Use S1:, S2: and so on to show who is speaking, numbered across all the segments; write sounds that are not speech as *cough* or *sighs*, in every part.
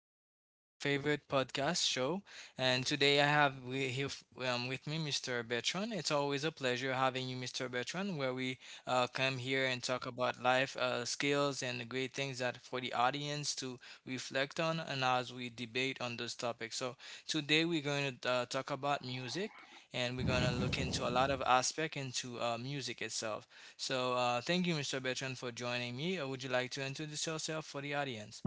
S1: time on your favorite podcast show. And today I have with me Mr. Bertrand. It's always a pleasure having you, Mr. Bertrand, where we come here and talk about life skills and the great things that for the audience to reflect on and as we debate on those topics. So today we're going to talk about music and we're going to look into a lot of aspect into music itself. So, thank you, Mr. Bertrand, for joining me. Would you like to introduce yourself for the audience?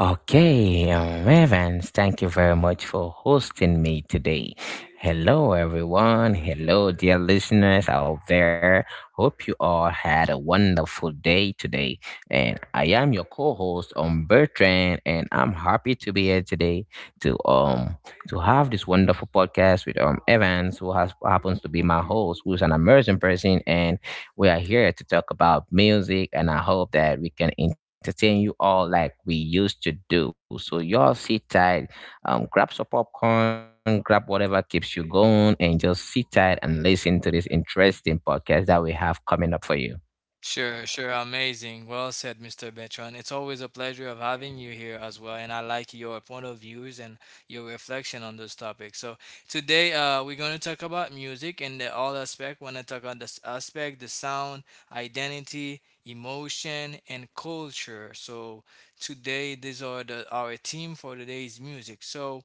S2: Okay, Evans, thank you very much for hosting me today. Hello, everyone. Hello, dear listeners out there. Hope you all had a wonderful day today. And I am your co-host, Bertrand, and I'm happy to be here today to um to have this wonderful podcast with Evans, who has happens to be my host, who is an amazing person, and we are here to talk about music, and I hope that we can entertain you all like we used to do. So, y'all sit tight, grab some popcorn, grab whatever keeps you going, and just sit tight and listen to this interesting podcast that we have coming up for you.
S1: Sure, sure. Amazing. Well said, Mr. Bertrand. It's always a pleasure of having you here as well, and I like your point of views and your reflection on those topics. So today, we're going to talk about music and the all aspect. We're going to talk about this aspect, the sound, identity, emotion, and culture. So today, these are the our theme for today's music. So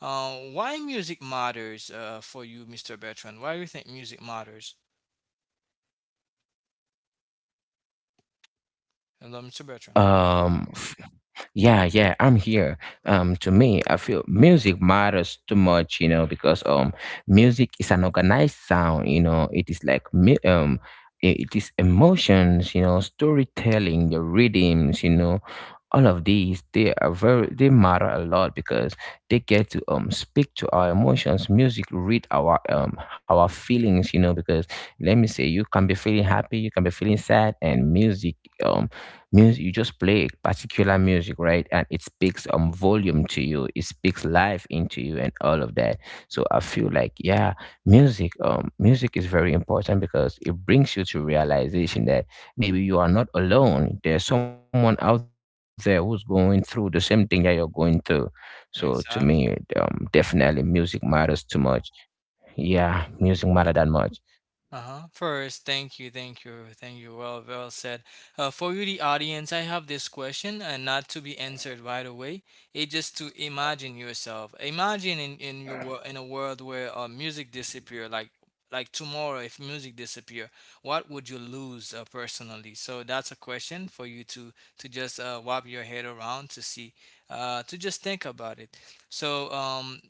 S1: Why music matters for you, Mr. Bertrand? Why do you think music matters? Hello, Mr. Bertrand.
S2: Um, f- Yeah, yeah, I'm here. To me, I feel music matters too much, you know, because music is an organized sound. You know, it is like it is emotions. You know, storytelling, the rhythms. You know, all of these they are very they matter a lot because they get to speak to our emotions. Music read our feelings. You know, because let me say, you can be feeling happy, you can be feeling sad, and um music, you just play particular music, right, and it speaks volume to you, it speaks life into you, and all of that. So I feel like, yeah, music is very important because it brings you to realization that maybe you are not alone, there's someone out there who's going through the same thing that you're going through. So to
S1: Exactly.
S2: me, definitely music matters too much. Yeah, music matter that much.
S1: Uh-huh. First, thank you, thank you, thank you. Well, well said. For you, the audience, I have this question, and not to be answered right away. It just to imagine yourself. Imagine in your world, in a world where music disappear, like tomorrow, if music disappear, what would you lose personally? So that's a question for you to just wrap your head around to see, to just think about it. So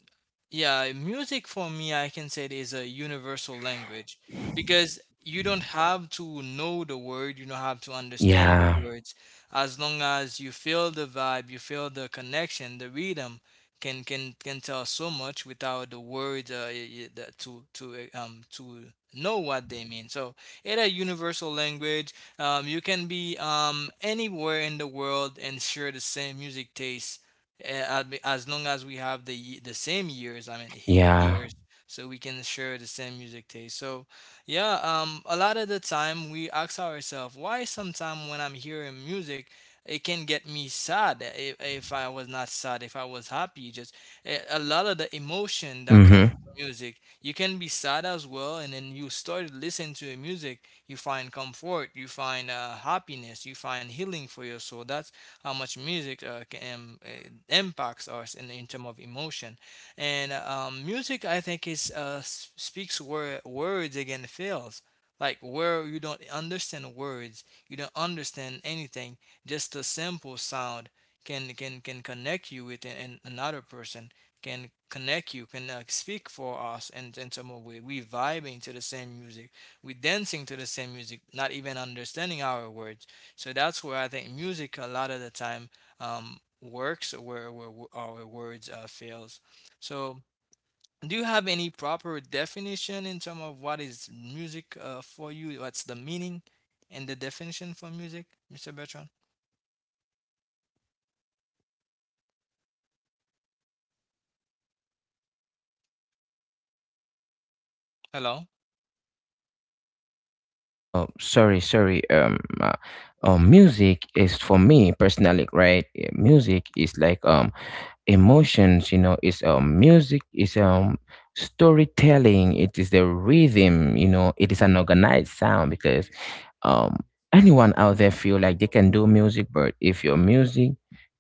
S1: yeah, music for me, I can say it is a universal language because you don't have to know the word, you don't have to understand the
S2: Yeah.
S1: words. As long as you feel the vibe, you feel the connection, the rhythm can tell so much without the words y- y- the- to know what they mean. So it's a universal language. You can be anywhere in the world and share the same music taste. Eh, I As long as we have the same years, I mean he
S2: Yeah.
S1: years, so we can share the same music taste. So, yeah, a lot of the time we ask ourselves why sometimes when I'm hearing music, it can get me sad. If I was not sad, if I was happy, just a lot of the emotion that comes
S2: Hmm.
S1: with music. You can be sad as well, and then you start listening to the music, you find comfort, you find happiness, you find healing for your soul. That's how much music can impacts us in terms of emotion. And music, I think, speaks where words again fails. Like where you don't understand words, you don't understand anything. Just a simple sound can connect you with another person. Can connect you. Can speak for us in some way. We vibing to the same music. We dancing to the same music. Not even understanding our words, so that's where I think music a lot of the time works, where our words fails. So do you have any proper definition in terms of what is music for you? What's the meaning and the definition for music, Mr. Bertrand? Hello.
S2: Oh, sorry, sorry. Music is, for me personally, right? Music is like emotions, you know. It's music, it's storytelling, it is the rhythm, you know. It is an organized sound because um anyone out there feel like they can do music. But if your music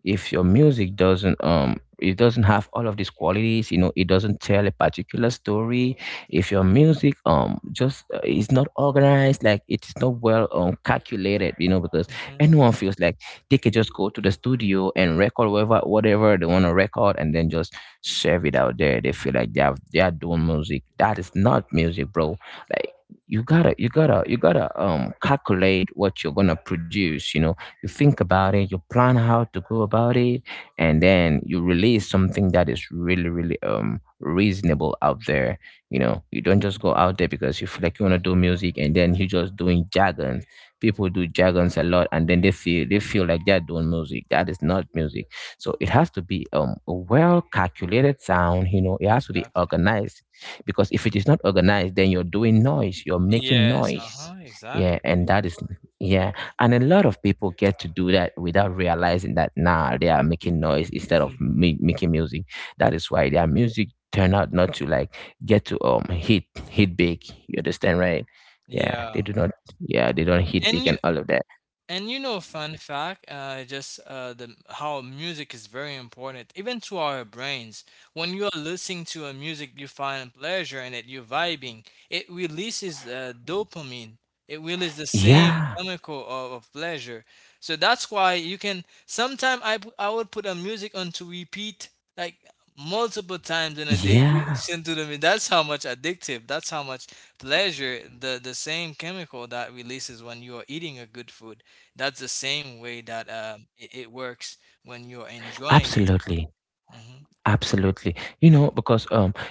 S2: if your music doesn't, it doesn't have all of these qualities, you know, it doesn't tell a particular story. If your music just is not organized, like it's not well calculated, you know, because
S1: Hmm.
S2: anyone feels like they could just go to the studio and record whatever they want to record and then just serve it out there. They feel like they are doing music. That is not music, bro. Like, you gotta calculate what you're gonna produce, you know. You think about it, you plan how to go about it, and then you release something that is really, really reasonable out there. You know, you don't just go out there because you feel like you wanna do music and then you're just doing jargon. People do jargons a lot and then they feel like they're doing music. That is not music. So it has to be a well calculated sound, you know. It has to be
S1: Exactly.
S2: organized, because if it is not organized, then you're doing noise, you're making
S1: Yes. Uh
S2: noise.
S1: huh. Exactly.
S2: Yeah, and that is, yeah, and a lot of people get to do that without realizing that now they are making noise instead
S1: Mhm.
S2: of making music. That is why their music turn out not to like get to hit big. You understand, right? Yeah, they
S1: Yeah.
S2: do not, yeah, they don't heat
S1: And
S2: pick
S1: you
S2: and all of that.
S1: And you know, fun fact, just the how music is very important, even to our brains. When you are listening to a music you find pleasure in it, you're vibing. It releases dopamine. It releases the same
S2: Yeah,
S1: chemical of pleasure. So that's why you can. Sometimes I would put a music on to repeat like multiple times in a day. You
S2: yeah,
S1: listen to the them. That's how much addictive. That's how much pleasure the same chemical that releases when you are eating a good food, that's the same way that it works when you're enjoying it.
S2: absolutely,
S1: Hmm.
S2: absolutely. You know, because um,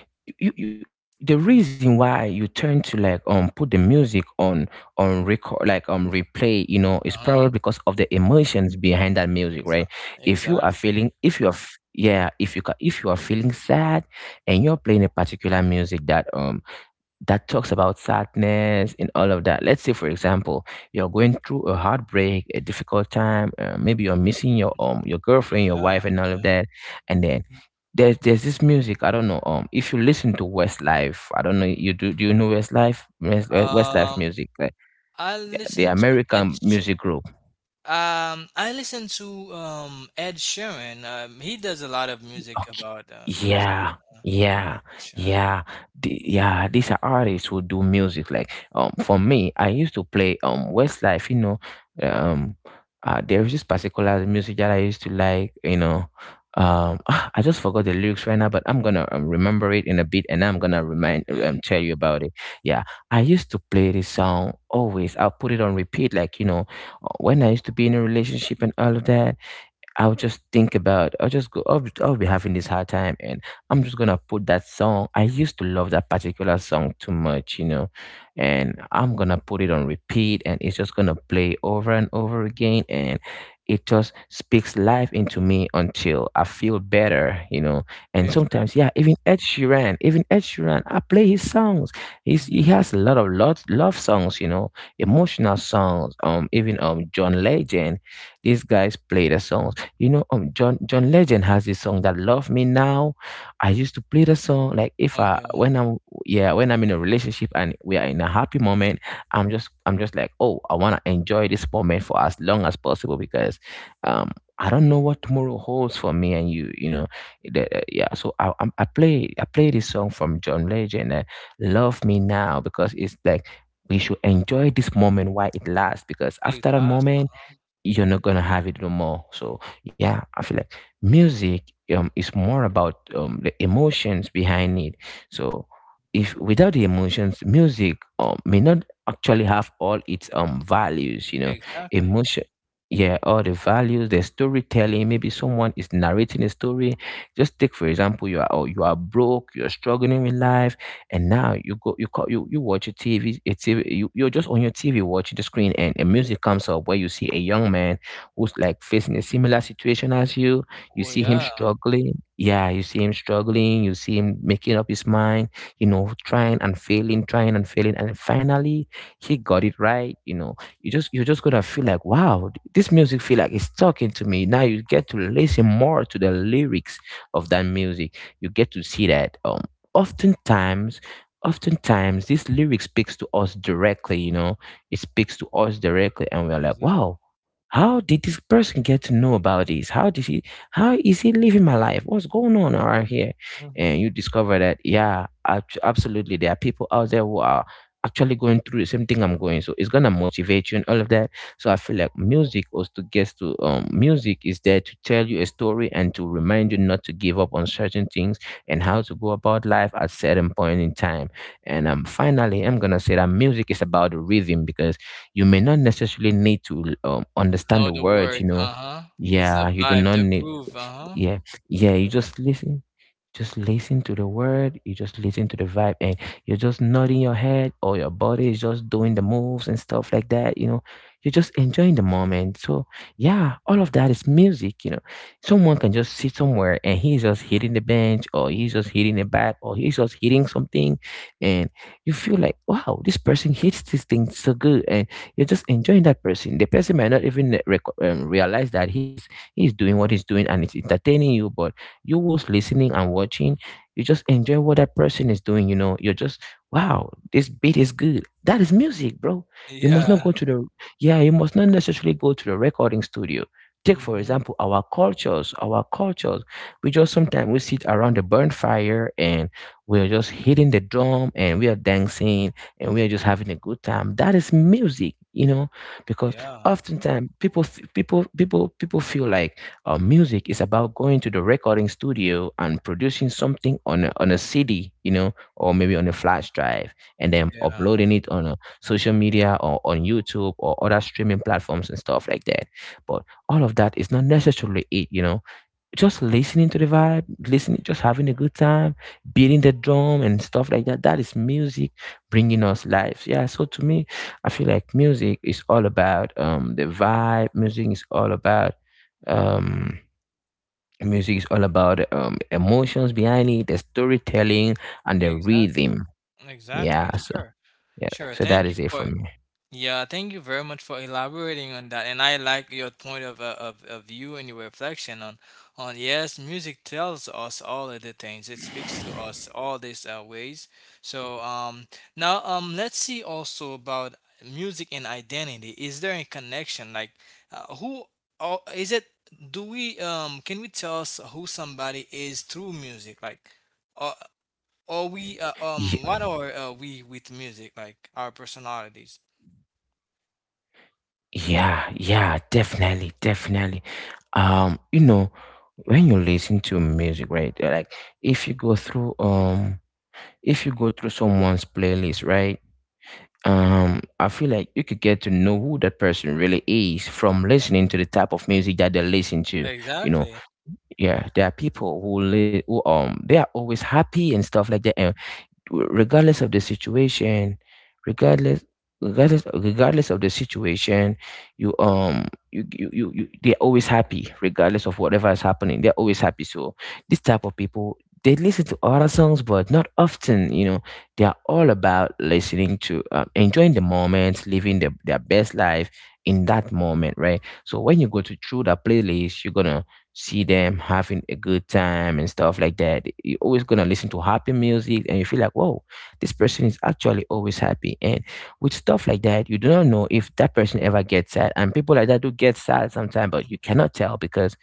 S2: you, you, the reason why you turn to like put the music on record, like replay, you know, is probably
S1: Uh-huh.
S2: because of the emotions behind that music,
S1: Exa-
S2: right? If you are
S1: exactly.
S2: feeling, if you are, yeah, if you are feeling sad, and you're playing a particular music that that talks about sadness and all of that. Let's say, for example, you're going through a heartbreak, a difficult time. Maybe you're missing your girlfriend, your
S1: Yeah.
S2: wife, and all of
S1: Yeah.
S2: that. And then
S1: Mhm.
S2: there's this music, I don't know. If you listen to Westlife, I don't know, You do do you know Westlife? Westlife
S1: Um,
S2: music, like
S1: I
S2: the
S1: listen to Ed.
S2: American
S1: Sh-
S2: music group.
S1: I listen to Ed Sheeran. He does a lot of music about those.
S2: Yeah,
S1: Uh,
S2: yeah,
S1: Ed Sheeran.
S2: yeah, yeah, these are artists who do music. Like, for me, I used to play Westlife. You know, um, there is this particular music that I used to like. You know, *sighs* ah, I just forgot the lyrics right now, but I'm gonna remember it in a bit, and I'm gonna remind
S1: Okay.
S2: tell you about it. Yeah, I used to play this song always. I'll put it on repeat. Like, you know, when I used to be in a relationship and all of that. I'll just think about, I'll just go, I'll be having this hard time, and I'm just going to put that song. I used to love that particular song too much, you know, and I'm going to put it on repeat and it's just going to play over and over again. And it just speaks life into me until I feel better, you know. And sometimes,
S1: Exactly.
S2: yeah, even Ed Sheeran, I play his songs. He has a lot of love songs, you know, emotional songs. Even John Legend, these guys play the songs, you know. John Legend has this song that "Love Me Now." I used to play the song like if I
S1: Okay.
S2: when I'm yeah, when I'm in a relationship and we are in a happy moment, I'm just like, oh, I wanna enjoy this moment for as long as possible because um I don't know what tomorrow holds for me and you know, yeah. So I play this song from John Legend, "Love Me Now," because it's like we should enjoy this moment while it lasts, because after that moment
S1: Uh-huh.
S2: you're not gonna have it no more. So yeah, I feel like music is more about the emotions behind it. So if without the emotions, music may not actually have all its values, you know,
S1: Exactly.
S2: emotion, yeah, all the values, the storytelling. Maybe someone is narrating a story. Just take, for example, you are, oh, you are broke, you're struggling with life, and now you go, you call, you watch a TV, a TV, you, you're just on your TV watching the screen, and a music comes up where you see a young man who's like facing a similar situation as you. You
S1: Well,
S2: see him
S1: yeah.
S2: struggling. Yeah, you see him struggling. You see him making up his mind, you know, trying and failing, and finally he got it right. You know, you just, you are just gonna feel like, wow, this music feel like it's talking to me. Now you get to listen more to the lyrics of that music. You get to see that oftentimes oftentimes this lyric speaks to us directly, you know, it speaks to us directly, and we're like,
S1: Exactly.
S2: wow, how did this person get to know about this? How is he living my life? What's going on around here? And you discover that, yeah, absolutely, there are people out there who are actually going through the same thing I'm going. So it's gonna motivate you and all of that. So I feel like music also gets to music is there to tell you a story and to remind you not to give up on certain things and how to go about life at certain point in time. And finally, I'm gonna say that music is about the rhythm, because you may not necessarily need to understand
S1: Know
S2: the
S1: the
S2: words. You
S1: words,
S2: know,
S1: uh-huh. It's the
S2: yeah, you do
S1: vibe,
S2: not
S1: the
S2: need.
S1: groove, uh-huh.
S2: Yeah, yeah, you Just listen to the word, you just listen to the vibe, and you're just nodding your head, or your body is just doing the moves and stuff like that, you know. You're just enjoying the moment, so yeah, all of that is music, you know. Someone can just sit somewhere and he's just hitting the bench, or he's just hitting a bat, or he's just hitting something, and you feel like, wow, this person hits this thing so good, and you're just enjoying that person. The person might not even realize that he's doing what he's doing and it's entertaining you, but you was listening and watching. You just enjoy what that person is doing, you know, you're just, wow, this beat is good, that is music, bro. You must not
S1: Yeah.
S2: go to the, yeah, you must not necessarily go to the recording studio. Take for
S1: Hmm.
S2: example our cultures. We just, sometimes we sit around the burn fire and we're just hitting the drum and we are dancing, and we are just having a good time. That is music, you know. Because
S1: Yeah.
S2: oftentimes, people people feel like music is about going to the recording studio and producing something on a CD, you know, or maybe on a flash drive, and then
S1: Yeah.
S2: uploading it on a social media, or on YouTube or other streaming platforms and stuff like that. But all of that is not necessarily it, you know. Just listening to the vibe, listening, just having a good time, beating the drum and stuff like that. That is music, bringing us life. Yeah. So to me, I feel like music is all about the vibe. Music is all about um music is all about emotions behind it, the storytelling and the
S1: Exactly.
S2: rhythm. Yeah.
S1: Exactly.
S2: So
S1: Sure.
S2: yeah,
S1: Sure.
S2: so that
S1: Thank you
S2: is it for
S1: for
S2: me.
S1: Yeah, thank you very much for elaborating on that. And I like your point of, of view and your reflection on yes, music tells us all of the things. It speaks to us all these ways. So now let's see also about music and identity. Is there a connection? Like who or is it? Do we can we tell us who somebody is through music? Like or or we
S2: Ye-
S1: what are we with music? Like our personalities.
S2: Yeah. Yeah. Definitely. Definitely. You know, when you listen to music, right? Like, if you go through if you go through someone's playlist, right? I feel like you could get to know who that person really is from listening to the type of music that they listen to, you know.
S1: Exactly.
S2: Yeah, there are people who they are always happy and stuff like that, and regardless of the situation, regardless regardless of the situation, you they're always happy regardless of whatever is happening, they're always happy. So this type of people, they listen to other songs but not often, you know. They are all about listening to, enjoying the moment, living their best life in that moment, right? So when you go to through that playlist, you're gonna see them having a good time and stuff like that. You're always gonna listen to happy music and you feel like, whoa, this person is actually always happy. And with stuff like that, you do not know if that person ever gets sad. And people like that do get sad sometimes, but
S1: Mm.
S2: you cannot tell, because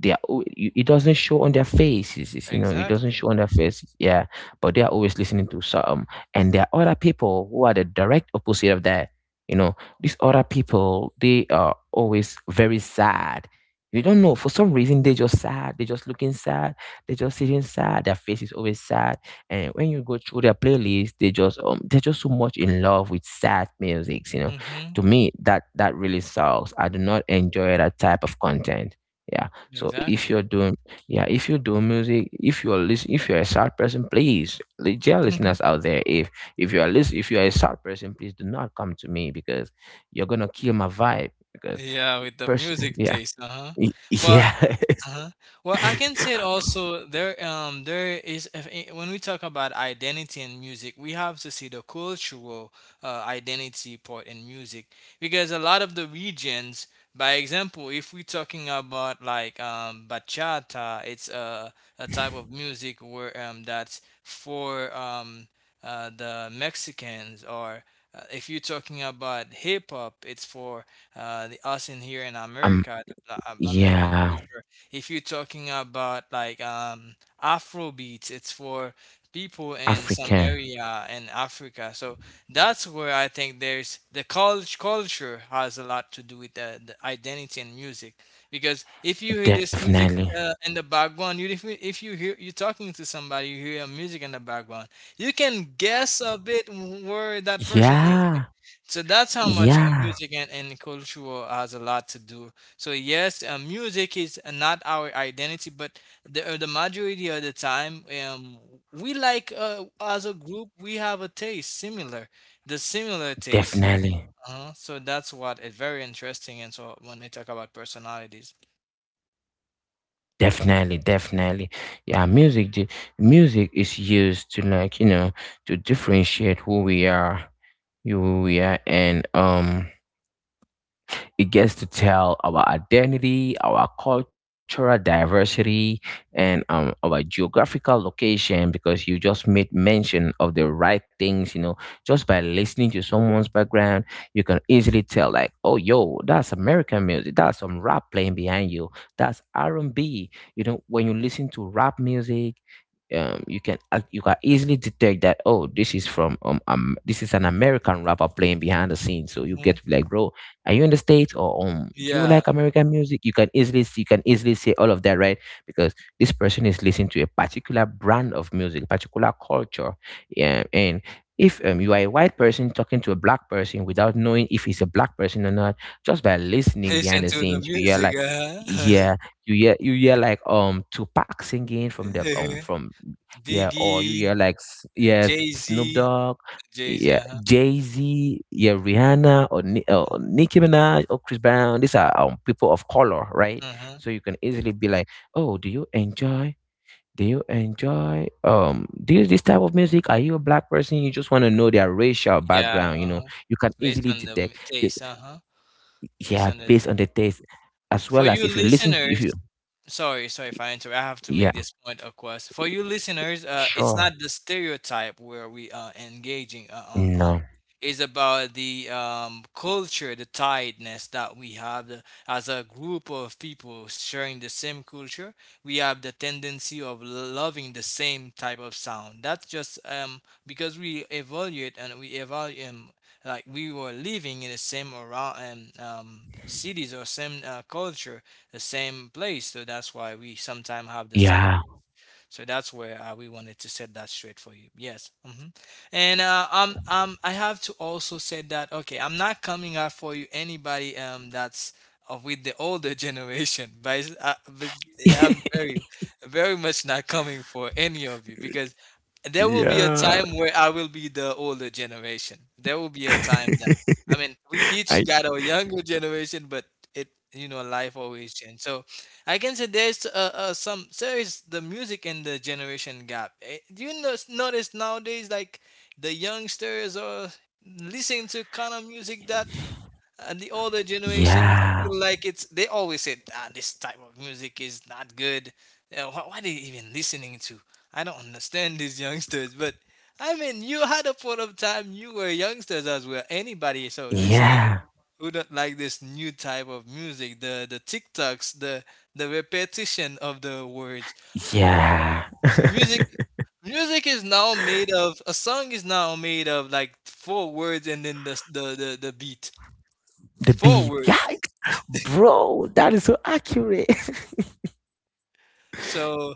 S2: they are al- you- it doesn't show on their faces, you know, it doesn't
S1: Exactly.
S2: show on their faces, yeah. But they are always listening to some. And there are other people who are the direct opposite of that, you know. These other people, they are always very sad. You don't know,
S1: Mm,
S2: for some reason they just sad, they just looking sad, they just sitting sad, their face is always sad. And when you go through their playlist, they just, they're just so much in love with sad music, you know.
S1: mhm, mhm.
S2: To me, that that really sucks. I do not enjoy that type of content, yeah. So if you're
S1: Exactly.
S2: doing, yeah, if you do music, if you're if you're a sad person, please, dear listeners
S1: *laughs*
S2: out there, if if you're a sad person, please do not come to me, because you're gonna kill my vibe. Because
S1: Yeah, with the
S2: person,
S1: music
S2: yeah,
S1: taste, uh-huh. Well,
S2: yeah.
S1: uh-huh. Well, I can say it also there there is if, when we talk about identity in music, we have to see the cultural identity part in music because a lot of the regions, by example, if we're talking about like bachata, it's a type of music where that's for the Mexicans, or if you're talking about hip hop, it's for the us in here in
S2: *laughs* um,
S1: America, the, American
S2: yeah,
S1: culture. If you're talking about like Afro beats, it's for people in some
S2: African,
S1: area in Africa. So that's where I think there's the college culture has a lot to do with the identity and music. Because if you hear this music
S2: definitely,
S1: in the background, you, if, if you hear you're talking to somebody, you hear a music in the background, you can guess a bit where that person is. Like,
S2: yeah,
S1: so that's how much
S2: yeah,
S1: music and culture has a lot to do, so yes, music is not our identity, but the majority of the time, we like as a group we have a taste similar, the similar taste.
S2: definitely.
S1: Uh-huh. So that's what is very interesting. And so when they talk about personalities,
S2: Definitely, definitely. Yeah, music, music is used to, like, you know, to differentiate who we are, who we are, and it gets to tell our identity, our cultural diversity, and our geographical location, because you just made mention of the right things. You know, just by listening to someone's background, you can easily tell, like, oh, yo, that's American music. That's some rap playing behind you. That's R and B. You know, when you listen to rap music, you can, you can easily detect that, oh, this is from, this is an American rapper playing behind the scenes, so you
S1: hmm.
S2: get to be like, bro, are you in the States, or do you
S1: Yeah,
S2: like American music? You can easily see, you can easily say all of that, right? Because this person is listening to a particular brand of music, particular culture. Yeah. And if you are a white person talking to a black person without knowing if he's a black person or not, just by listening behind
S1: listen
S2: the
S1: to the
S2: scenes, you hear
S1: music.
S2: like,
S1: Uh-huh.
S2: yeah, you hear like, Tupac singing from the
S1: *laughs*
S2: from, yeah, or you
S1: Diggy,
S2: hear like, yeah,
S1: Jay
S2: Snoop
S1: Z,
S2: Dogg,
S1: Jay Z.
S2: yeah,
S1: Huh.
S2: Jay Z, yeah, Rihanna, or or
S1: Uh-huh.
S2: Nicki Minaj, or Chris Brown. These are, people of color, right?
S1: Uh-huh.
S2: So you can easily be like, "Oh, do you enjoy? Do you enjoy this this type of music? Are you a black person?" You just want to know their racial
S1: Yeah.
S2: background. You know,
S1: Uh-huh.
S2: you can
S1: Based
S2: easily
S1: on the
S2: detect, the,
S1: taste. Uh-huh. Based
S2: yeah,
S1: on the
S2: based
S1: taste.
S2: on the taste, as
S1: For
S2: well as
S1: you
S2: if you listen to if
S1: listeners,
S2: you,
S1: sorry, sorry, if I interrupt, I have to
S2: yeah,
S1: make this point, of course. For you listeners, it's
S2: sure,
S1: not the stereotype where we are engaging on
S2: no,
S1: is about the culture, the tiredness that we have as a group of people sharing the same culture. We have the tendency of loving the same type of sound. That's just because we evaluate like we were living in the same around cities or same culture, the same place. So that's why we sometimes have the same.
S2: yeah.
S1: So that's where we wanted to set that straight for you. Yes. Hmm. And I have to also say that okay, I'm not coming out for you anybody that's of with the older generation, *laughs* but yeah, I'm
S2: *laughs*
S1: very very much not coming for any of you because there will be a
S2: Yeah.
S1: time where I will be the older generation. There will be a time that
S2: *laughs*
S1: I mean we each
S2: I.
S1: got our younger generation, but it you know life always changes. I can say there's some there is the music and the generation gap. Eh, do you notice nowadays like the youngsters are listening to kind of music that the older generation
S2: Yeah,
S1: feel like it's they always say ah, this type of music is not good. What are they even listening to? I don't understand these *laughs* youngsters, but I mean you had a point of time you were youngsters as well. Anybody so listening
S2: yeah,
S1: who don't like this new type of music, the tiktoks, the repetition of the words.
S2: yeah.
S1: So music, music is now made of a song is now made of like four words and then the s- the beat,
S2: The
S1: four
S2: beat, yeah,
S1: words.
S2: bro, that is so accurate.
S1: So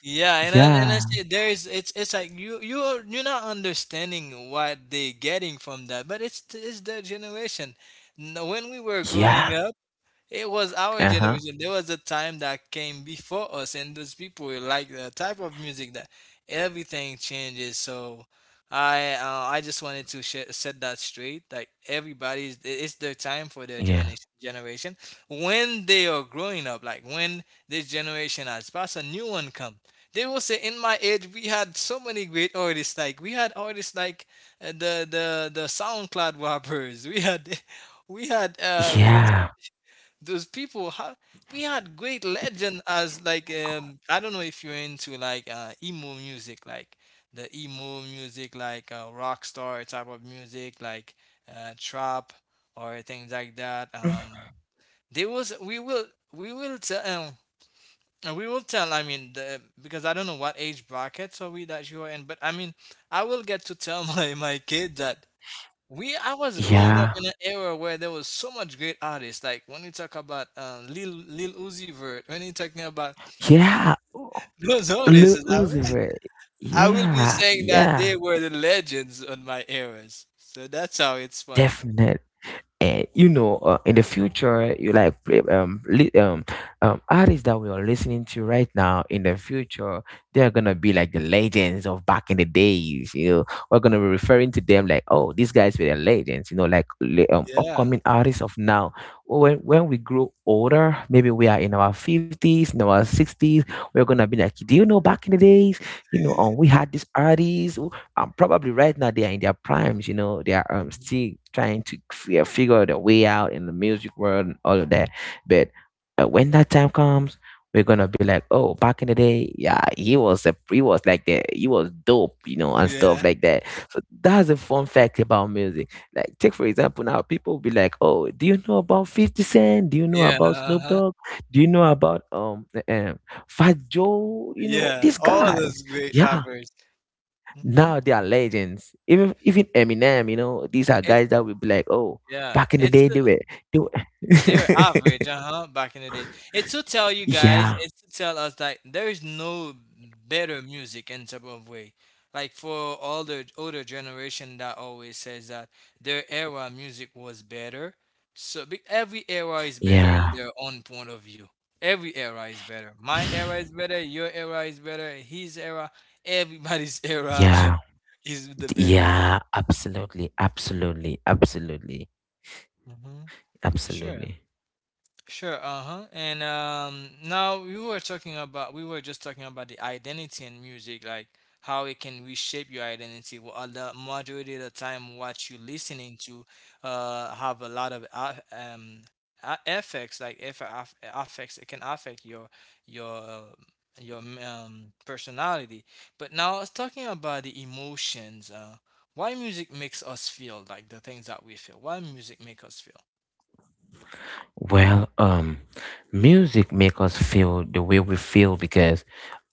S1: yeah,
S2: *laughs*
S1: and I
S2: Yeah,
S1: say there is it's like you're not understanding what they getting from that, but it's their generation. When we were
S2: yeah,
S1: growing up, it was our
S2: uh huh,
S1: generation. There was a time that came before us, and those people were like the type of music that everything changes. So I just wanted to set that straight. Like everybody's, it's their time for their
S2: yeah,
S1: generation. Generation when they are growing up, like when this generation has passed, a new one come. They will say, "In my age, we had so many great artists. Like we had artists like the SoundCloud *laughs* rappers. We had." *laughs* We had those
S2: yeah,
S1: those people ha- we had great legend as like I don't know if you're into like emo music, like the emo music like rock star type of music, like trap or things like that. There was we will tell we will tell, because I don't know what age brackets are we that you are in, but I mean I will get to tell *laughs* my kid that we I was growing up
S2: yeah,
S1: in an era where there was so much great artists. Like when you talk about Lil Uzi Vert, when you're talking about
S2: yeah.
S1: *laughs* those
S2: Lil
S1: artists, you know,
S2: Uzi Vert.
S1: *laughs* I will be
S2: Yeah,
S1: saying that they
S2: yeah,
S1: were the legends on my eras. So that's how it's funny.
S2: definitely. And you know, in the future, you like play, artists that we are listening to right now, in the future they are gonna be like the legends of back in the days, you know. We're gonna be referring to them like, oh, these guys were the legends, you know, like,
S1: Yeah.
S2: upcoming artists of now. Well, when we grow older, maybe we are in our 50s, in our 60s, we're gonna be like, do you know back in the days, you know, we had this artist. Probably right now they are in their primes. You know, they are,
S1: *laughs*
S2: still trying to figure their way out in the music world and all of that. But when that time comes, we're gonna be like, oh, back in the day, yeah, he was a, he was like that, he was dope, you know, and stuff
S1: Yeah.
S2: like that. So that's a fun fact about music. Like, take for example, now people be like, oh, do you know about Fifty Cent? Do you know
S1: Yeah.
S2: about Snoop
S1: Uh-huh.
S2: Dogg? Do you know about Fat Joe? You know
S1: Yeah,
S2: these
S1: all
S2: guys.
S1: those great
S2: Yeah,
S1: rappers. Hmm.
S2: now they are legends. Even Eminem, you know, these are
S1: It's
S2: guys that will be like, oh,
S1: Yeah.
S2: back in the
S1: It's
S2: day they were, they were.
S1: They were
S2: *laughs*
S1: average, uh-huh, back in the day. It's to tell you guys,
S2: Yeah,
S1: it's to tell us that there is no better music in some of way. Like, for all the older generation that always says that their era music was better. So every era is better in
S2: yeah.
S1: their own point of view. Every era is better. My era is better, your era is better, his era, everybody's *laughs* era
S2: Yeah,
S1: *laughs* is the better.
S2: yeah, absolutely, absolutely, absolutely,
S1: Hmm. Sure.
S2: absolutely.
S1: Sure, uh-huh. And now we were just talking about the identity in music, like how it can reshape your identity. Well, majority of the time, what you're listening to have a lot of a- effects like if aff- affects, it can affect your your uh, your personality. But now it's talking about the emotions, why music makes us feel like the things that we feel. Why music make us feel?
S2: Well, music make us feel the way we feel, because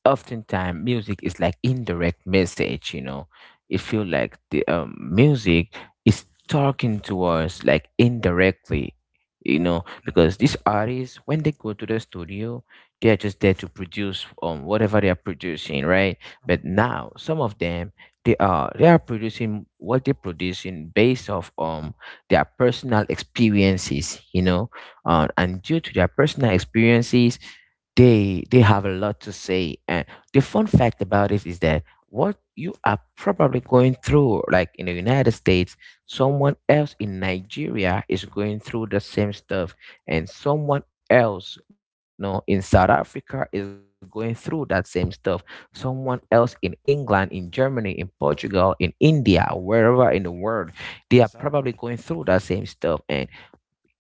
S2: oftentimes music is like indirect message, you know. It feel like the, music is talking to us like indirectly, you know.
S1: You know?
S2: Because these artists, when they go to the studio, they are just there to produce whatever they are producing, right? But now some of them, they are producing what they're producing based off their personal experiences, you know. And due to their personal experiences, they have a lot to say. And the fun fact about it is that, what you are probably going through, like in the United States, someone else in Nigeria is going through the same stuff. And someone else, no, in South Africa is going through that same stuff. Someone else in England, in Germany, in Portugal, in India, wherever in the world, they are
S1: Mhm.
S2: probably going through that same stuff. And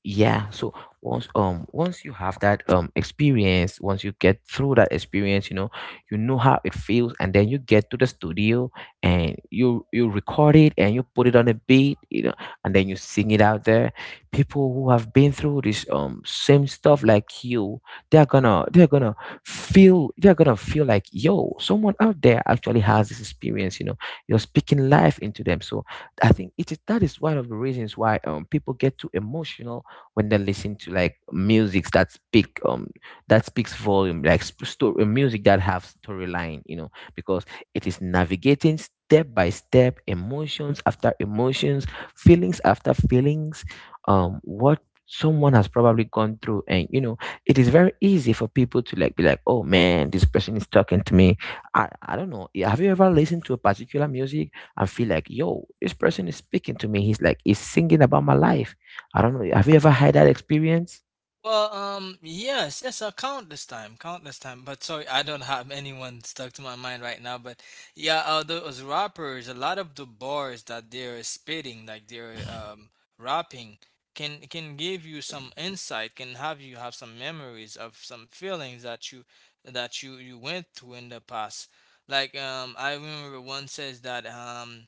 S2: yeah, so once, once you have that, experience, once you get through that experience, you know, you know how it feels, and then you get to the studio, and you record it, and you put it on a beat, you know, and then you sing it out there. People who have been through this, same stuff like you, they're gonna, they're gonna feel like, yo, someone out there actually has this experience, you know. You're speaking life into them. So I think it is that, is one of the reasons why people get too emotional when they listen to, like, music that speak, that speaks volume, like, story music that have storyline, you know. Because it is navigating step by step, emotions after emotions, feelings after feelings, what someone has probably gone through, and you know, it is very easy for people to like be like, oh man, this person is talking to me. I don't know. Yeah, have you ever listened to a particular music and feel like, yo, this person is speaking to me? He's like, he's singing about my life. I don't know. Have you ever had that experience?
S1: Well, yes, yes, countless time, countless time. But sorry, I don't have *laughs* anyone stuck to my mind right now. But yeah, those rappers, a lot of the bars that they're spitting, like they're rapping, can give you some insight, can have you have some memories of some feelings that you went through in the past. Like, I remember one says that,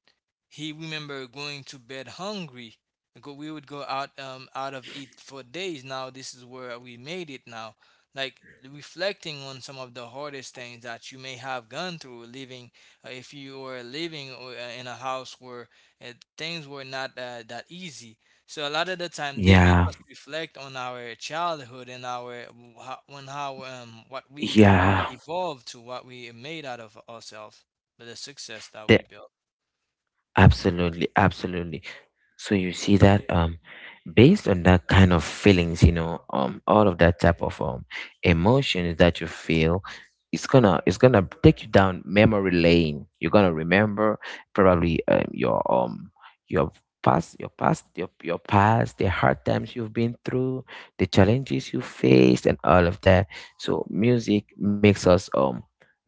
S1: he remember going to bed hungry, go we would go out out of it for days, now this is where we made it now. Like, reflecting on some of the hardest things that you may have gone through living, if you were living or, in a house where things were not that easy. So a lot of the time, they make
S2: Yeah,
S1: us reflect on our childhood and our how, on how, what we
S2: yeah,
S1: evolved to what we made out of ourselves, but the success that
S2: the,
S1: we built.
S2: absolutely, absolutely. So you see that, based on that kind of feelings, you know, all of that type of, emotions that you feel, it's gonna take you down memory lane. You're gonna remember probably your past your past your past, the hard times you've been through, the challenges you faced, and all of that. So music makes us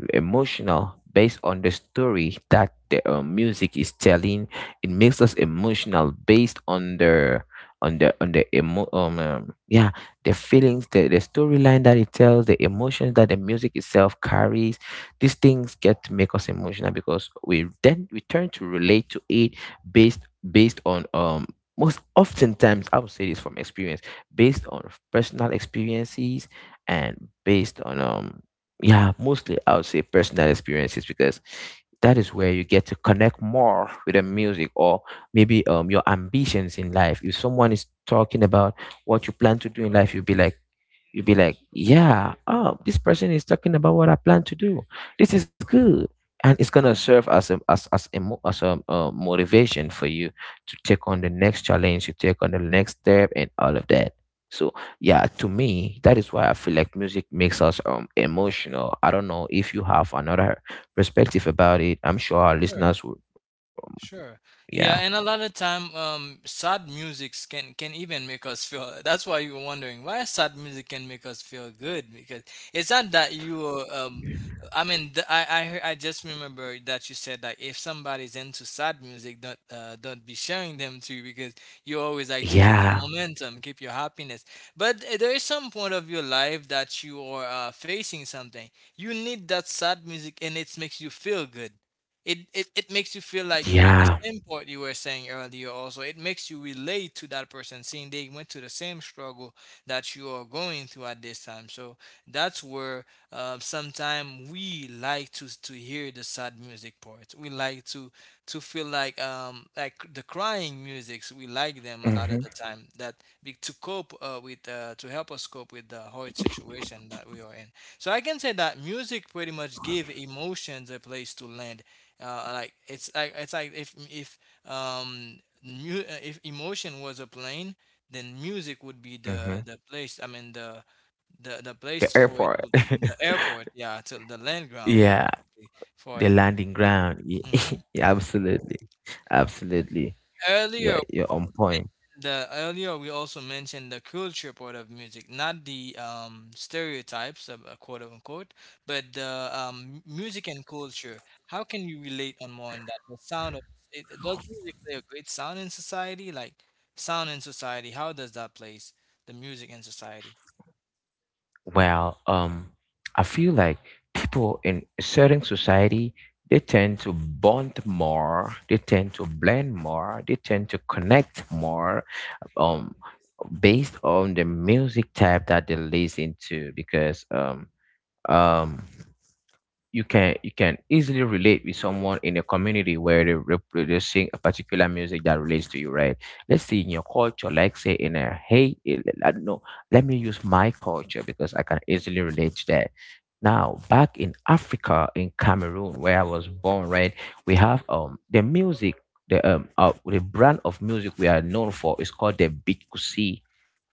S2: emotional based on the story that the music is telling. It makes us emotional based on the on the on the emo yeah the feelings, the storyline that it tells, the emotions that the music itself carries. These things get to make us emotional because we then we turn to relate to it based based on most oftentimes, I would say this from experience, based on personal experiences. And based on yeah mostly, I would say, personal experiences, because that is where you get to connect more with the music. Or maybe your ambitions in life. If someone is talking about what you plan to do in life, you'd be like, yeah, oh, this person is talking about what I plan to do. This is good. And it's gonna serve as a as as a mo- as a motivation for you to take on the next challenge, you take on the next step, and all of that. So yeah, to me, that is why I feel like music makes us emotional. I don't know if you have another perspective about it. I'm sure our
S1: Sure.
S2: listeners would.
S1: Sure.
S2: Yeah,
S1: Yeah, and a lot of time, sad musics can even make us feel. That's why you were wondering why sad music can make us feel good, because it's not that you are. I mean, I just remember that you said that if somebody's into sad music, don't be sharing them to you, because you always like to keep the
S2: yeah,
S1: momentum, keep your happiness. But there is some point of your life that you are facing something. You need that sad music, and it makes you feel good. It makes you feel like you, the
S2: yeah.
S1: same part you were saying earlier, also it makes you relate to that person, seeing they went to the same struggle that you are going through at this time. So that's where, sometimes we like to hear the sad music part, we like to feel like, like the crying musics, we like them a lot of the
S2: Hmm.
S1: time, that to cope with to help us cope with the hard situation that we are in. So I can say that music pretty much give emotions a place to land. Like it's like, if if emotion was a plane, then music would be
S2: Hmm.
S1: the place, the
S2: The
S1: place for it
S2: airport.
S1: to— the airport, yeah, to the land
S2: *laughs*
S1: ground
S2: Yeah.
S1: basically for
S2: The
S1: it.
S2: landing ground. *laughs*
S1: Hmm.
S2: Yeah, yeah, absolutely, absolutely.
S1: earlier
S2: Yeah, you're on point.
S1: The earlier, we also mentioned the culture part of music, not the, stereotypes, of, quote unquote, but the, music and culture. How can you relate on more on that? The sound of it, does music play a great sound in society? Like sound in society, how does that place the music in society?
S2: Well, I feel like people in a certain society, they tend to bond more, they tend to blend more, they tend to connect more. Um, Based on the music type that they listen to, because um you can, you can easily relate with someone in a community where they a particular music that relates to you, right? Let's say in your culture, like say in a hey, eh, I don't know, let me use my culture because I can easily relate to that. Now, back in Africa, in Cameroon, where I was born, right, we have the music. The brand of music we are known for is called the Bikusi.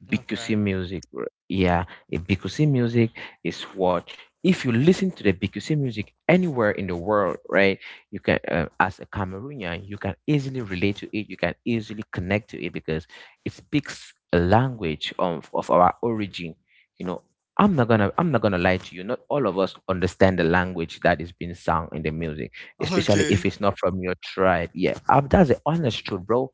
S2: BQC
S1: Okay. *laughs*
S2: music, r- yeah, a BQC music is what, if you listen to the BQC music anywhere in the world, right? You can, as a Cameroonian, you can easily relate to it. You can easily connect to it because it speaks a language of our origin. You know, I'm not gonna lie to you. Not all of us understand the language that is being sung in the music, especially
S1: Okay.
S2: if it's not from your tribe. Yeah, that's
S1: Mm.
S2: the honest truth, bro.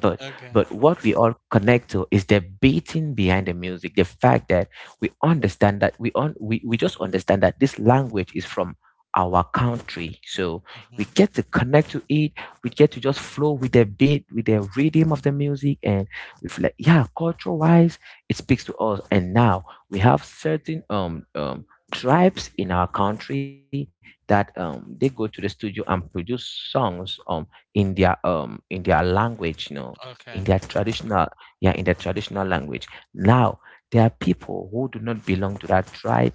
S2: but
S1: Okay.
S2: but what we all connect to is the beating behind the music, the fact that we understand that we just understand that this language is from our country. So we
S1: Hmm.
S2: get to connect to it. We get to just flow with the beat, with the rhythm of the music, and we feel like, yeah, culture wise, it speaks to us. And now we have certain tribes in our country that they go to the studio and produce songs in their language, you know, in
S1: Okay.
S2: their traditional, yeah, in their traditional language. Now there are people who do not belong to that tribe,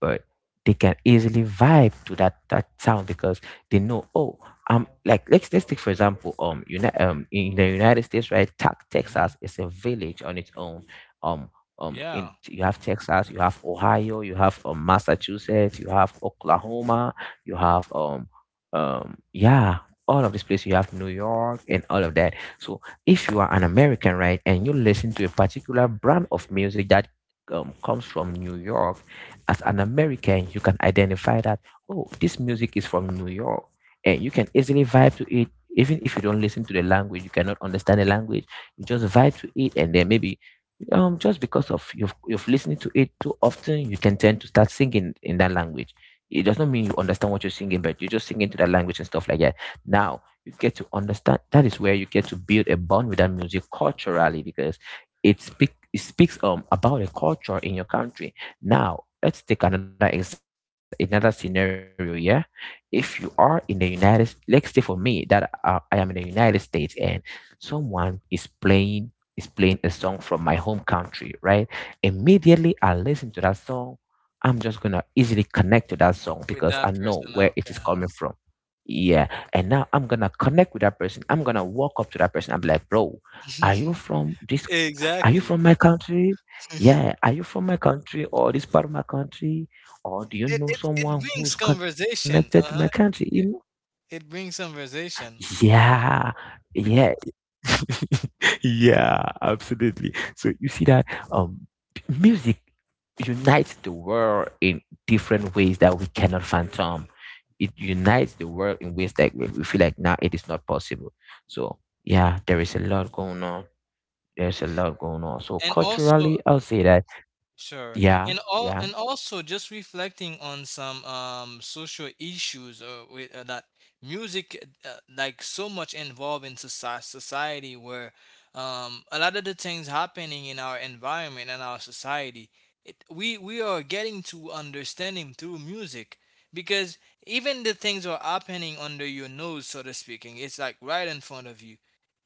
S2: but they can easily vibe to that town, because they know, oh, like let's take for example, in the United States, right?
S1: Hmm.
S2: Texas is a village on its own. um in
S1: Yeah.
S2: you have Texas, you have Ohio, you have Massachusetts, you have Oklahoma, you have um yeah all of this place, you have New York, and all of that. So if you are an American, right, and you listen to a particular brand of music that comes from New York, as an American you can identify that, oh, this music is from New York, and you can easily vibe to it. Even if you don't listen to the language, you cannot understand the language, you just vibe to it. And then maybe just because of you've listened to it too often, you can tend to start singing in that language. It does not mean you understand what you're singing, but you're just singing to that language and stuff like that. Now you get to understand, that is where you get to build a bond with that music culturally, because it speaks about a culture in your country. Now let's take another scenario. Yeah, if you are in the United,
S1: Yeah.
S2: let's say for me that, I am in the United States and someone is playing, is playing a song from my home country, right? Immediately
S1: Hmm.
S2: I listen to that song, I'm just gonna easily connect to that song
S1: With
S2: because I
S1: that
S2: know
S1: person,
S2: where it
S1: okay,
S2: is
S1: huh?
S2: coming from. Yeah, and now I'm gonna connect with that person, I'm gonna walk up to that person and be like, bro, are
S1: *laughs*
S2: you from this, are you
S1: Exactly.
S2: from my country, yeah,
S1: *laughs*
S2: are you from my country or this part of my country, or do you
S1: It
S2: know
S1: brings
S2: someone who's
S1: conversation.
S2: connected to my
S1: Uh-huh.
S2: country, you
S1: It,
S2: know?
S1: it brings conversation.
S2: Yeah, yeah. *laughs* Yeah, absolutely. So you see that um music unites the world in different ways that we cannot fathom. It unites the world in ways that we feel like now it is not possible. So yeah, there is a lot going on. There's a lot going on. So
S1: And also
S2: culturally, I'll say that,
S1: sure.
S2: yeah,
S1: And all,
S2: yeah,
S1: and also just reflecting on some social issues, or with that music, like so much involved in society, where a lot of the things happening in our environment and our society, we are getting to understanding through music, because even the things are happening under your nose, so to speaking, it's like right in front of you.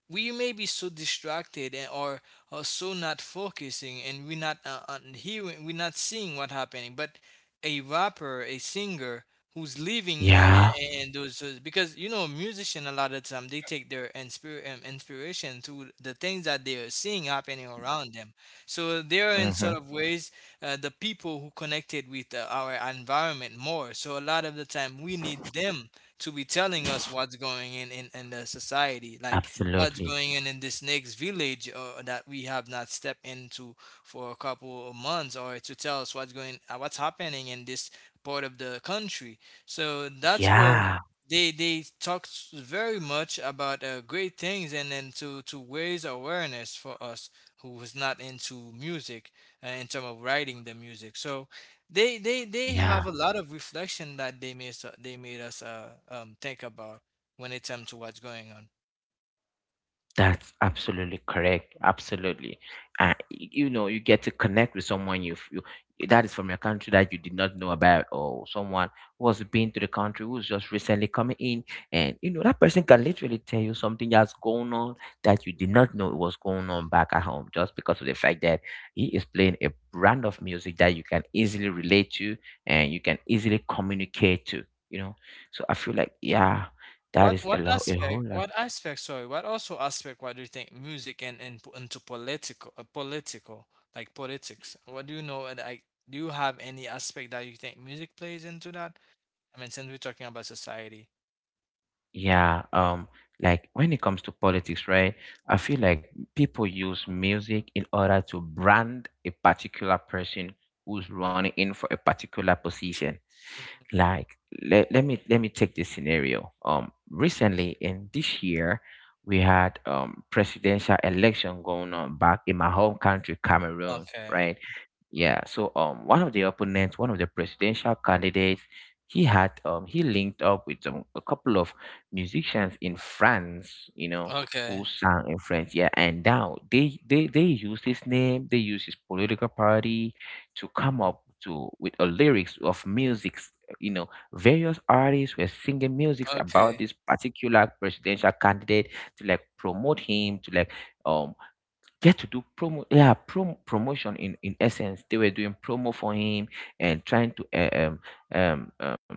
S1: We may be so distracted, and or so not focusing, and we're not hearing, we're not seeing what's happening. But a rapper, a singer who's living,
S2: yeah,
S1: and because you know, musician a lot of time, they take their inspiration to the things that they're seeing happening around them. So they are, in
S2: hmm,
S1: sort of ways, the people who connected with our environment more. So a lot of the time we need them to be telling us what's going in in the society, like what's
S2: absolutely,
S1: going in this next village or that we have not stepped into for a couple of months, or to tell us what's going, what's happening in this part of the country. So that's where
S2: yeah,
S1: they talked very much about great things, and then to raise awareness for us who is not into music, in terms of writing the music. So they
S2: yeah.
S1: have a lot of reflection that they made us think about when it comes to what's going on.
S2: That's absolutely correct. Absolutely. You know, you get to connect with someone you you that is from your country that you did not know about, or someone who has been to the country who's just recently coming in, and you know that person can literally tell you something that's going on, that you did
S1: Mhm.
S2: not know it was going on back at home, just because of the fact that he is playing a brand of music that you can easily relate to and you can easily communicate to. You know, so I feel like, yeah, that is a lot, a whole lot.
S1: What aspect, sorry, what also aspect, what do you think music and po- into political, like politics, what do you know? And like, do you have any aspect that you think music plays into that? I mean, since we're talking about society.
S2: Yeah, like when it comes to politics, right? I feel like people use music in order to brand a particular person who's running in for a particular position.
S1: Mhm.
S2: Like, let me, let me take this scenario. Recently in this year, we had presidential election going on back in my home country, Cameroon,
S1: Okay.
S2: right? Yeah, so one of the opponents, one of the presidential candidates, he had, he linked up with, a couple of musicians in France, you know, who
S1: Okay.
S2: sang in French. Yeah, and now they used his name, they used his political party to come
S1: Hmm.
S2: up to with a lyrics of musics. You know, various artists were singing musics about
S1: Okay.
S2: this particular presidential candidate, to like promote him, to like um get to do promo, yeah, promotion. In essence, they were doing promo for him and trying to,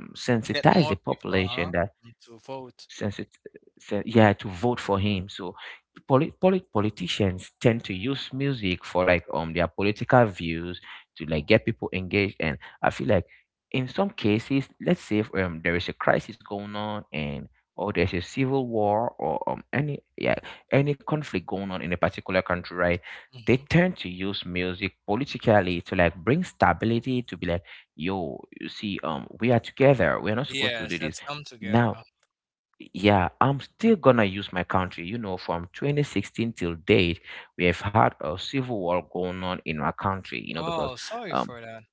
S1: Get
S2: sensitize the
S1: more people,
S2: population
S1: uh-huh,
S2: that,
S1: to vote.
S2: since it's said, yeah, to vote for him. So politicians tend to use music for like their political views, to like get people engaged. And I feel like in some cases, let's say if, um, there is a crisis going on, and or there's a civil war or any conflict going on in a particular country, right, they
S1: Hmm.
S2: tend to use music politically to like bring stability, to be like, yo, you see, um, we are together, we're not supposed to do
S1: Yes,
S2: this.
S1: let's come together.
S2: Now, yeah, I'm still gonna use my country. You know, from 2016 till date, we have had a civil war going on in our country. You know, because
S1: Oh, sorry
S2: um,
S1: for that.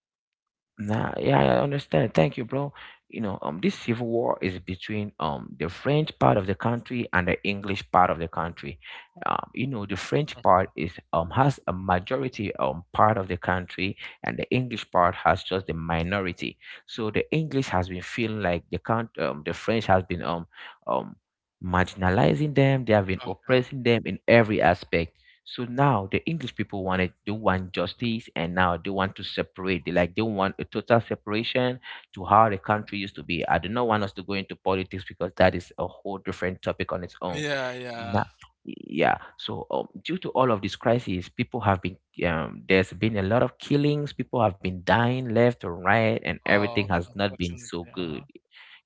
S2: nah, yeah, I understand. Thank you, bro. You know, this civil war is between the French part of the country and the English part of the country. You know, the French
S1: Okay.
S2: part is, um, has a majority part of the country, and the English part has just the minority. So the English has been feeling like the French has been um marginalizing them. They have been
S1: Okay.
S2: oppressing them in every aspect. So now the English people wanted they want justice, and now they want to separate. They want a total separation to how the country used to be. I do not want us to go into politics because that is a whole different topic on its own.
S1: Yeah,
S2: Now,
S1: yeah.
S2: yeah. So due to all of these crises, people have been, there's been a lot of killings. People have been dying left or right, and
S1: Oh,
S2: everything
S1: okay,
S2: has not been
S1: unfortunately.
S2: so good.
S1: Uh-huh.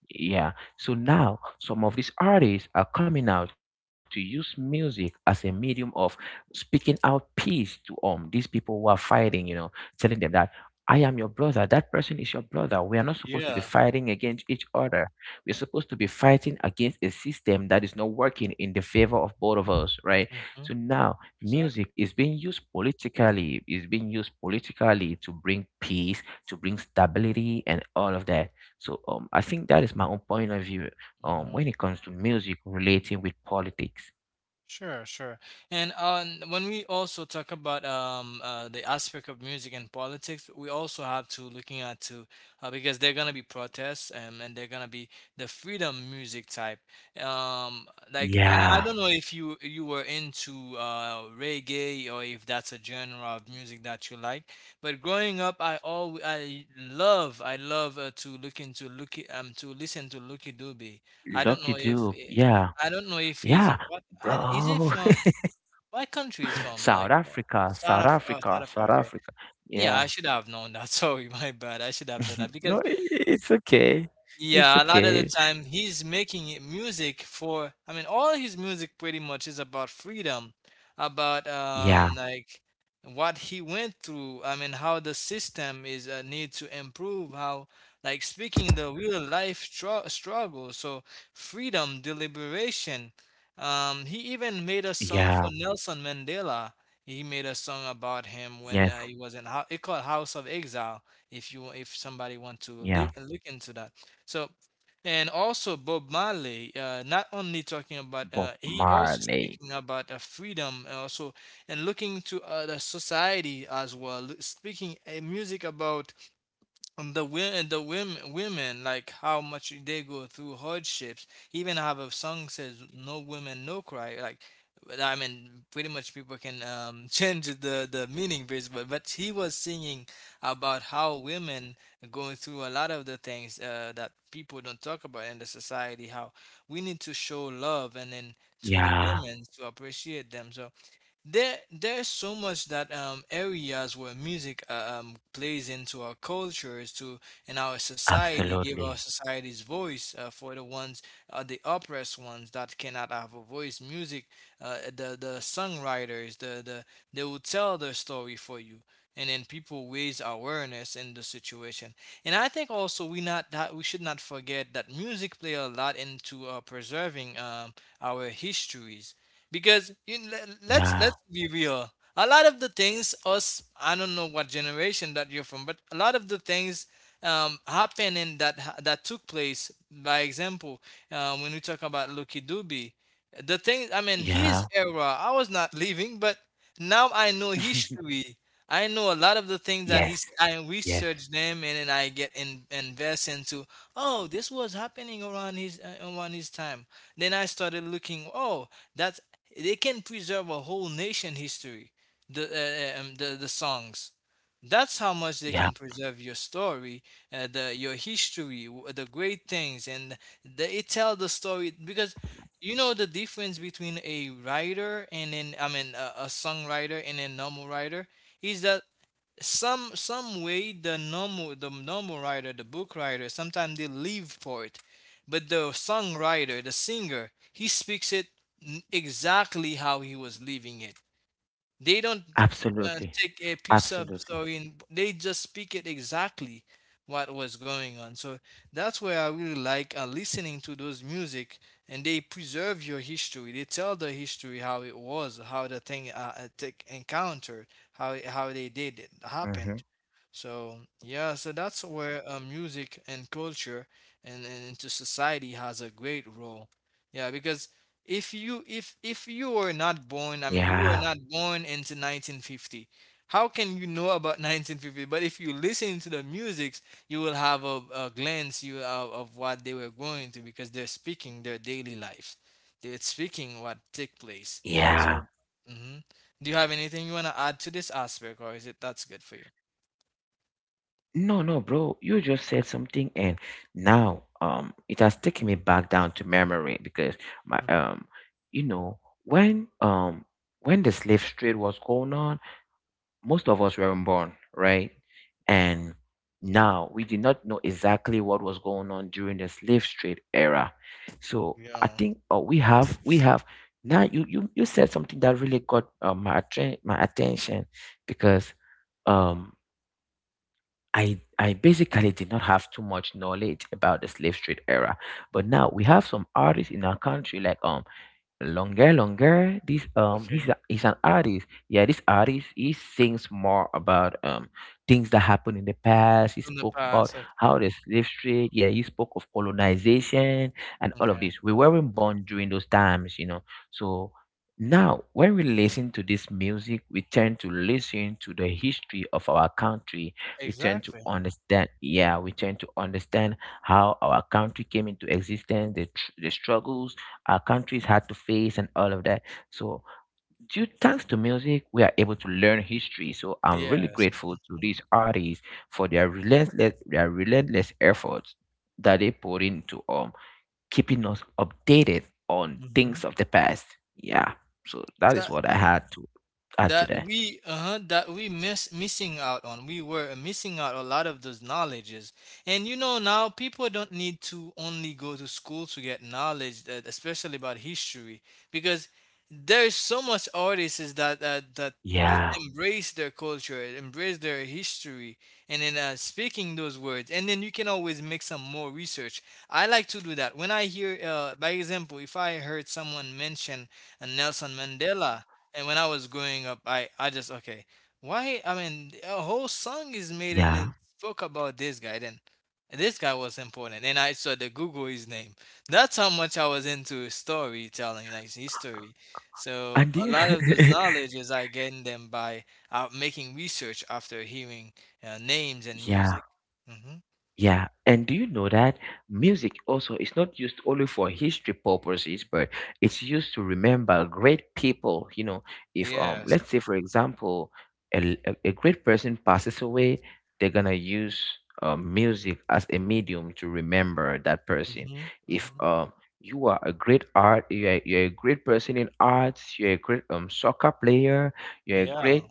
S2: Yeah. So now some of these artists are coming out to use music as a medium of speaking out peace to, um, these people who are fighting, you know, telling them that I am your brother, that person is your brother. We are not supposed to be
S1: Yeah.
S2: fighting against each other. We're supposed to be fighting against a system that is not working in the favor of both of us, right?
S1: Mm-hmm.
S2: So now
S1: Exactly.
S2: music is being used politically, to bring peace, to bring stability and all of that so I think that is my own point of view
S1: Mm-hmm.
S2: when it comes to music relating with politics.
S1: Sure, sure. And when we also talk about, the aspect of music and politics, we also have to looking at to because they're gonna be protests, and they're gonna be the freedom music type. Um, like I
S2: Yeah,
S1: don't know if you you were into reggae, or if that's a genre of music that you like. But growing up, I love to look into Lucky, to listen to Lucky Dube. I
S2: lucky
S1: don't know
S2: do.
S1: if
S2: Yeah,
S1: I don't know if he's
S2: yeah,
S1: what I is he
S2: bro.
S1: from what country is
S2: *laughs*
S1: from,
S2: South
S1: like what?
S2: Africa,
S1: South
S2: South
S1: Africa. Oh,
S2: Africa,
S1: South Africa.
S2: South
S1: Okay.
S2: Africa.
S1: Yeah,
S2: Yeah.
S1: I should have known that. *laughs* Sorry, my bad. I should have known that
S2: *laughs* No,
S1: because
S2: it's okay. It's
S1: yeah, a lot of the
S2: okay.
S1: time he's making it music for, I mean, all his music pretty much is about freedom, about
S2: Yeah,
S1: like what he went through. I mean, how the system is need to improve, how like speaking the real life struggle. So freedom, deliberation. He even made a
S2: yeah,
S1: song for Nelson Mandela. He made a song about him
S2: yes,
S1: when, he was in, it called House of Exile. If you, if somebody want to
S2: yeah.
S1: li look into that. So, and also Bob Marley, not only talking about,
S2: Bob
S1: he also
S2: Marley.
S1: speaking about freedom, and also and looking to the society as well, speaking music about, and the wo- the women, women, like how much they go through hardships. Even have a song says, "No women, no cry." Like, but I mean, pretty much people can, *laughs* change the meaning basically. But he was singing about how women going through a lot of the things that people don't talk about in the society. How we need to show love, and then to the
S2: Yeah,
S1: women, to appreciate them. So there's so much that areas where music plays into our cultures, to in our society, give our
S2: absolutely.
S1: society's voice for the oppressed ones that cannot have a voice. Music, the songwriters, they will tell their story for you, and then people raise awareness in the situation. And I think also we not that we should not forget that music play a lot into preserving our histories because let's
S2: Yeah,
S1: let's be real, a lot of the things us I don't know what generation that you're from, but a lot of the things happening that took place by example, when we talk about Lucky doobie the thing, I mean, his
S2: yeah.
S1: era I was not living, but now I know
S2: *laughs*
S1: history. I know a lot of the things that he said.
S2: Yes,
S1: I
S2: yes,
S1: research them and then I invest into. Oh, this was happening around his time. Then I started looking. Oh, that's, they can preserve a whole nation history. The songs. That's how much they can
S2: yeah,
S1: preserve your story, the your history, the great things, and the, it tell the story because you know the difference between a writer and then, I mean, a songwriter and a normal writer is that some way the normal, the normal writer, the book writer sometimes they live for it, but the songwriter, the singer, he speaks it exactly how he was living it. They don't
S2: absolutely.
S1: take a piece of
S2: Absolutely.
S1: story and they just speak it exactly what was going on. So that's where I really like listening to those music, and they preserve your history. They tell the history how it was, how the thing take encountered, how they
S2: Mm-hmm.
S1: did it happened. So yeah, so that's where music and culture and into society has a great role. Yeah, because if you were not born,
S2: Yeah,
S1: I mean, you were not born into 1950. How can you know about *laughs* 1950? But if you listen to the music, you will have a glance you of what they were going to because they're speaking their daily lives. They're speaking what took place.
S2: yeah.
S1: So, hmm do you have anything you want to add to this aspect, or is it that's good for you?
S2: No, no, bro. You just said something, and now it has taken me back down to memory because my
S1: Mhm.
S2: you know, when um, when the slave trade was going on, most of us weren't born, right? And now we did not know exactly what was going on during the slave trade era. So I
S1: Yeah.
S2: think we have now. You said something that really got my attention because um I basically did not have too much knowledge about the slave trade era, but now we have some artists in our country like Longer, longer. This
S1: Okay.
S2: he's an artist. Yeah, this artist he sings more about things that happened in the past. He
S1: In the
S2: spoke about
S1: past. Okay.
S2: how the slave trade. Yeah, he spoke of colonization and all of
S1: Okay.
S2: this. We weren't born during those times, you know. So now, when we listen to this music, we tend to listen to the history of our country. We tend to
S1: Exactly.
S2: understand. Yeah, we tend to understand how our country came into existence, the struggles our countries had to face and all of that. So, due thanks to music, we are able to learn history. So, I'm really
S1: Yes.
S2: grateful to these artists for their relentless efforts that they put into keeping us updated on
S1: Mm-hmm.
S2: things of the past. Yeah. So that is what I had to add to
S1: That
S2: that.
S1: we that we miss missing out on, we were missing out a lot of those knowledges, and you know, now people don't need to only go to school to get knowledge that, especially about history, because there's so much artists that
S2: Yeah.
S1: embrace their culture, embrace their history, and then speaking those words, and then you can always make some more research. I like to do that when I hear, by example, if I heard someone mention Nelson Mandela. And when I was growing up, I just okay. Why? I mean, a whole song is made and
S2: Yeah.
S1: it spoke about this guy. Then this guy was important, and I saw the Google his name. That's how much I was into storytelling, like history. So
S2: And do
S1: a lot of those
S2: you-
S1: knowledges I gained them by making research after hearing names and
S2: *laughs* yeah.
S1: music. Mm-hmm.
S2: Yeah, and do you know that music also is not used only for history purposes, but it's used to remember great people. You know, if
S1: Yes.
S2: let's say for example, a great person passes away, they're gonna use music as a medium to remember that person.
S1: Mm-hmm.
S2: If
S1: Mm-hmm.
S2: you are a great art, you're a great person in arts, you're a great soccer player, you're a
S1: Yeah.
S2: great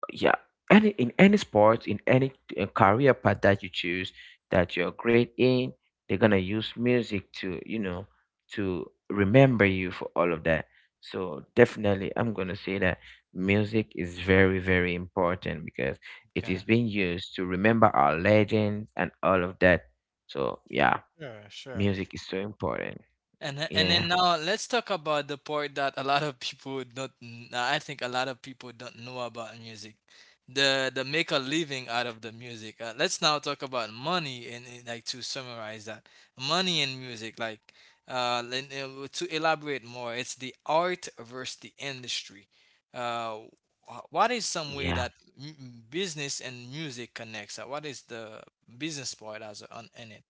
S2: yeah any in any sports in any career path that you choose that you're great in, they're gonna use music to, you know, to remember you for all of that. So definitely I'm gonna say that music is very, very important because it is
S1: Okay.
S2: being used to remember our legends and all of that. So yeah,
S1: Sure. Sure.
S2: music is so important.
S1: And
S2: Yeah,
S1: then now let's talk about the part that a lot of people don't. I think a lot of people don't know about music, the make a living out of the music. Let's now talk about money and, like to summarize that money and music. Like to elaborate more, it's the art versus the industry. Uh, what is some way
S2: yeah.
S1: that business and music connects? What is the business part as on in it?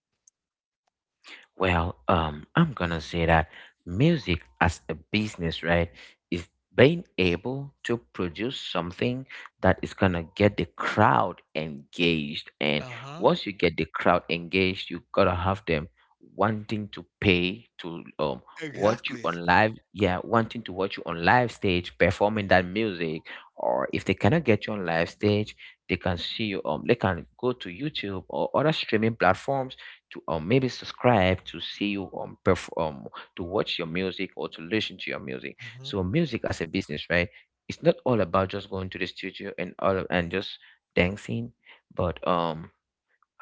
S2: Well, I'm gonna say that music as a business, right, is being able to produce something that is gonna get the crowd engaged. And
S1: Uh huh.
S2: once you get the crowd engaged, you gotta have them wanting to pay to watch you
S1: Exactly.
S2: on live, yeah, wanting to watch you on live stage performing that music. Or if they cannot get you on live stage, they can see you. They can go to YouTube or other streaming platforms to or maybe subscribe to see you perform to watch your music or to listen to your music.
S1: Mm-hmm.
S2: So music as a business, right? It's not all about just going to the studio and just dancing, but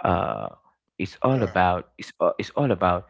S2: uh it's all about it's all, it's all about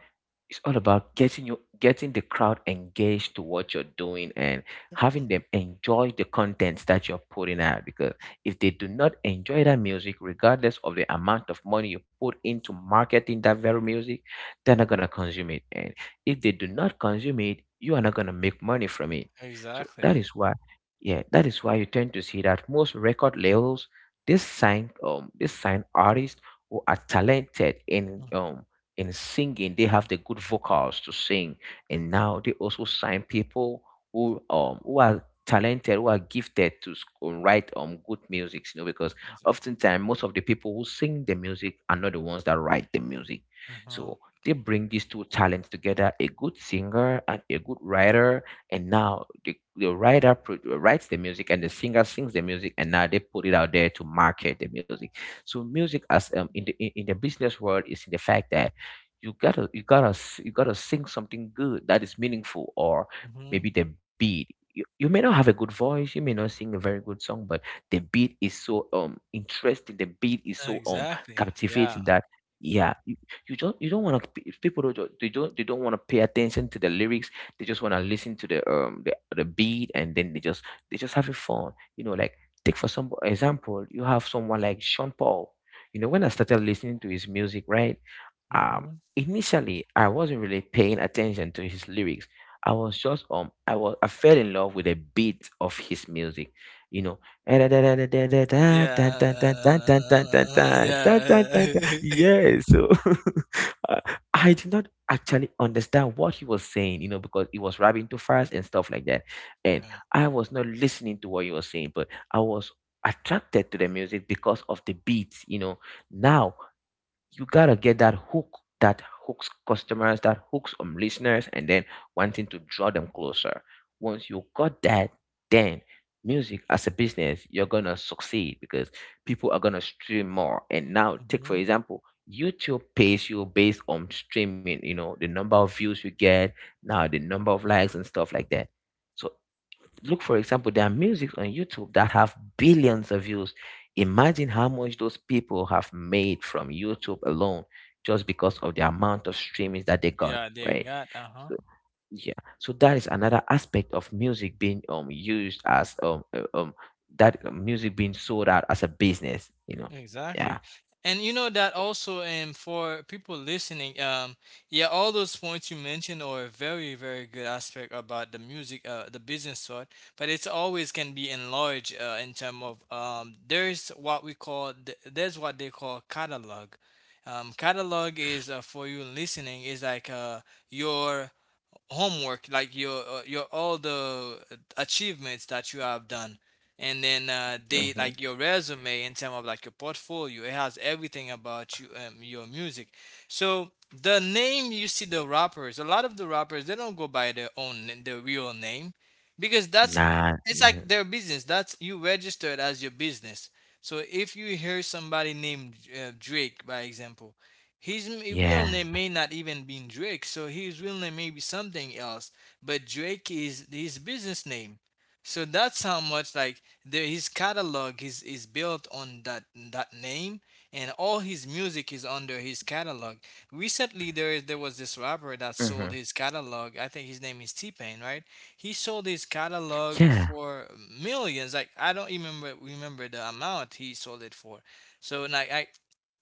S2: it's all about getting the crowd engaged to what you're doing and having them
S1: Mhm.
S2: enjoy the contents that you're putting out, because if they do not enjoy that music, regardless of the amount of money you put into marketing that very music, they're not going to consume it, and if they do not consume it, you are not going to make money from it. So that
S1: Exactly.
S2: is why, yeah, that is why you tend to see that most record labels this sign artists who are talented
S1: Mhm.
S2: in singing, they have the good vocals to sing, and now they also sign people who are talented, who are gifted to write good music, you know, because
S1: Exa
S2: oftentimes most of the people who sing the music are not the ones that write the music.
S1: uh-huh.
S2: So they bring these two talents together, a good singer and a good writer, and now writes the music and the singer sings the music, and now they put it out there to market the music. So music as in the business world is in the fact that you gotta sing something good that is meaningful, or
S1: Mhm.
S2: maybe the beat, you may not have a good voice, you may not sing a very good song, but the beat is so interesting, the beat is so
S1: Exactly.
S2: captivating
S1: Yeah.
S2: that yeah you don't want to, people don't do they don't want to pay attention to the lyrics, they just want to listen to the the beat, and then they just, they just having fun, you know. Like, take for some example, you have someone like Sean Paul. You know, when I started listening to his music, right, um
S1: Mhm.
S2: initially I wasn't really paying attention to his lyrics. I was just I fell in love with a beat of his music, you know. *laughs*
S1: Yeah. *laughs* Yeah. *laughs*
S2: Yeah, so *laughs* uh, I did not actually understand what he was saying, you know, because he was rapping too fast and stuff like that. And
S1: Yeah.
S2: I was not listening to what he was saying, but I was attracted to the music because of the beats, you know. Now you gotta get that hook, that hooks customers, that hooks listeners, and then wanting to draw them closer. Once you got that, then music as a business, you're gonna succeed because people are gonna stream more. And now take for
S1: Mhm.
S2: example, YouTube pays you based on streaming, you know, the number of views you get, now the number of likes and stuff like that. So look, for example, there are music on YouTube that have billions of views. Imagine how much those people have made from YouTube alone, just because of the amount of streamings that they got,
S1: Yeah, dear
S2: right?
S1: God. Uh-huh.
S2: So yeah, so that is another aspect of music being used as that music being sold out as a business, you know.
S1: Exactly.
S2: Yeah.
S1: And you know that also for people listening, yeah, all those points you mentioned are a very, very good aspect about the music, the business side, but it's always can be enlarged in term of there's what we call there's what they call catalog. Catalog is, for you listening is like your homework, like your all the achievements that you have done, and then they
S2: Mm-hmm.
S1: like your resume in terms of like your portfolio. It has everything about you, your music. So the name you see the rappers, a lot of the rappers they don't go by their own their real name, because that's,
S2: Nah,
S1: it's like
S2: mm,
S1: their business. That's you registered as your business. So if you hear somebody named Drake, by example, real
S2: yeah.
S1: name may not even be Drake, so his real name may be something else. But Drake is his business name, so that's how much like the, his catalog is built on that that name, and all his music is under his catalog. Recently, there was this rapper that sold
S2: Hmm.
S1: his catalog. I think his name is T Pain, right? He sold his catalog
S2: Yeah.
S1: for millions. Like I don't even remember the amount he sold it for. So like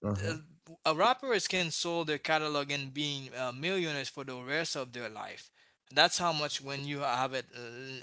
S2: Hmm.
S1: the- rappers can sell their catalog and being millionaires for the rest of their life. That's how much when you have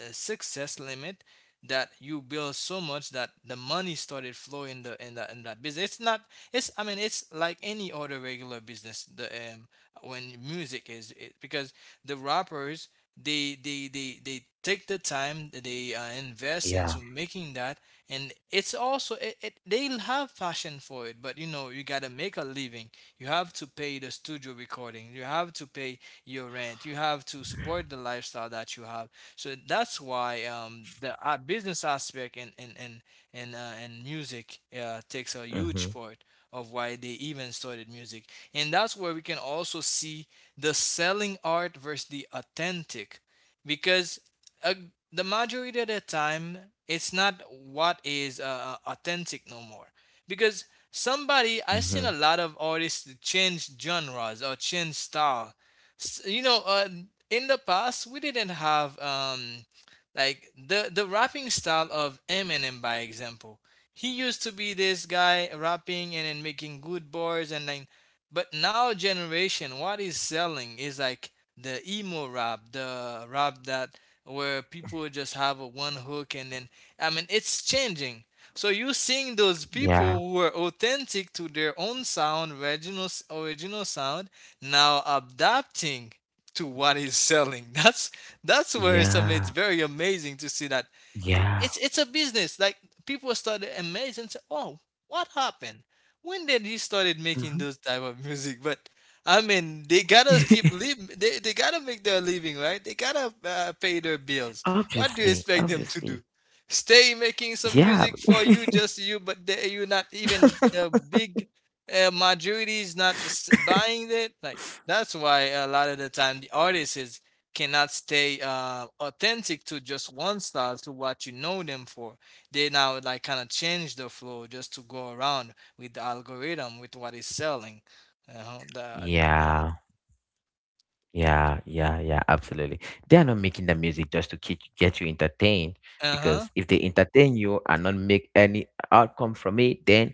S1: a success limit that you build so much that the money started flowing in in that business. It's not. It's, I mean, it's like any other regular business. The when music is it, because the rappers they take the time they invest
S2: Yeah.
S1: into making that, and it's also it they'll have passion for it, but you know you gotta make a living. You have to pay the studio recording, you have to pay your rent, you have to support the lifestyle that you have. So that's why the business aspect and music takes a huge
S2: Hmm.
S1: part of why they even started music. And that's where we can also see the selling art versus the authentic. Because uh, the majority of the time, it's not what is authentic no more. Because somebody, I've
S2: Hmm.
S1: seen a lot of artists change genres or change style. You know, in the past, we didn't have like the rapping style of Eminem, by example. He used to be this guy rapping and then making good bars and then, but now generation, what is selling is like the emo rap, the rap that where people just have a one hook and then, I mean, it's changing. So you seeing those people
S2: Yeah,
S1: who are authentic to their own sound, original original sound, now adapting to what is selling. *laughs* That's where some it's
S2: yeah,
S1: very amazing to see that it's
S2: yeah.
S1: it's a business. Like people started amazed and said, "Oh, what happened? When did he started making those type of music?" But I mean, they gotta keep
S2: *laughs*
S1: living. They gotta make their living, right? They gotta pay their bills. What do you
S2: Obviously,
S1: expect them to do?
S2: obviously.
S1: Stay making some
S2: Yeah.
S1: music for you,
S2: *laughs*
S1: just you, but they, you're not even the big majority is not s- buying it. Like that's why a lot of the time the artist is cannot stay authentic to just one style to what you know them for. They now like kind of change the flow just to go around with the algorithm with what is selling. Uh huh. Yeah.
S2: Yeah, yeah, yeah, yeah, absolutely. They are not making the music just to keep, get you entertained,
S1: Uh huh.
S2: because if they entertain you and not make any outcome from it, then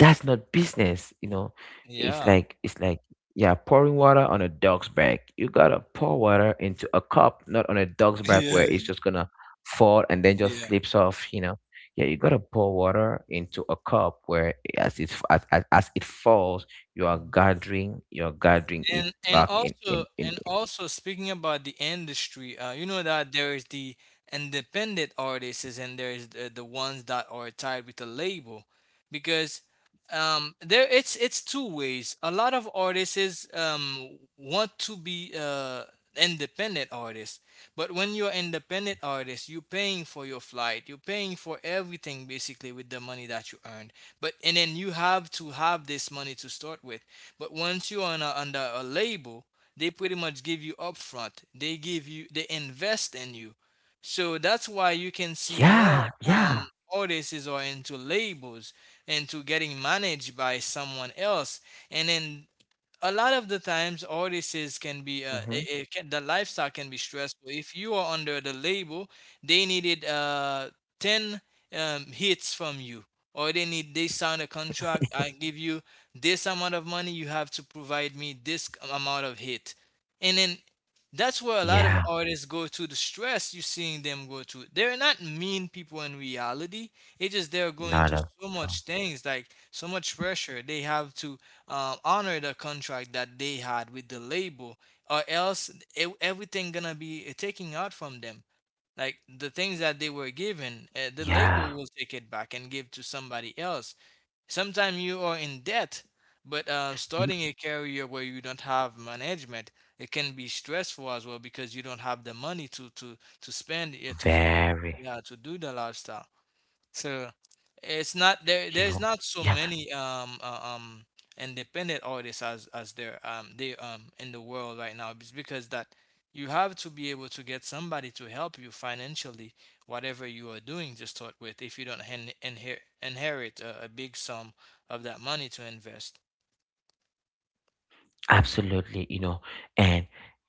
S2: that's not business, you know. It's
S1: Yeah.
S2: like, it's like, yeah, pouring water on a dog's back. You gotta pour water into a cup, not on a dog's back where it's just
S1: *laughs*
S2: gonna fall and then
S1: yeah.
S2: just
S1: Yeah.
S2: slips off, you know. Yeah, you gotta pour water into a cup where as it, as it falls, you're gathering it
S1: and and
S2: back in,
S1: also
S2: in.
S1: and also speaking about the industry, you know that there is the independent artists and there is the ones that are tied with the label. Because there it's two ways. A lot of artists want to be independent artists, but when you're independent artist you're paying for your flight, you're paying for everything basically with the money that you earned, but and then you have to have this money to start with. But once you're on a, under a label, they pretty much give you upfront. They give you, they invest in you. So that's why you can see more
S2: Yeah,
S1: um,
S2: yeah.
S1: artists are into labels, into getting managed by someone else. And then a lot of the times artists can be
S2: Hmm.
S1: the lifestyle can be stressful if you are under the label. They needed 10 hits from you, or they sign a contract. I give you this amount of money, you have to provide me this amount of hit. And then that's where a lot of
S2: Yeah,
S1: artists go to the stress you're seeing them go to. They're not mean people in reality, it's just they're going through
S2: not a
S1: so much
S2: problem.
S1: things, like so much pressure. They have to honor the contract that they had with the label, or else e everything gonna be taken out from them. Like the things that they were given, the label
S2: Yeah.
S1: will take it back and give to somebody else. Sometimes you are in debt.
S2: You.
S1: But starting a career where you don't have management, it can be stressful as well, because you don't have the money to spend, yeah,
S2: Very.
S1: yeah, to do the lifestyle. So it's
S2: You
S1: not
S2: know?
S1: there's
S2: You.
S1: not so many independent artists as there they in the world right now. It's because that you have to be able to get somebody to help you financially, whatever you are doing to start with. If you don't inherit a big sum of that money to invest.
S2: Absolutely, you know, and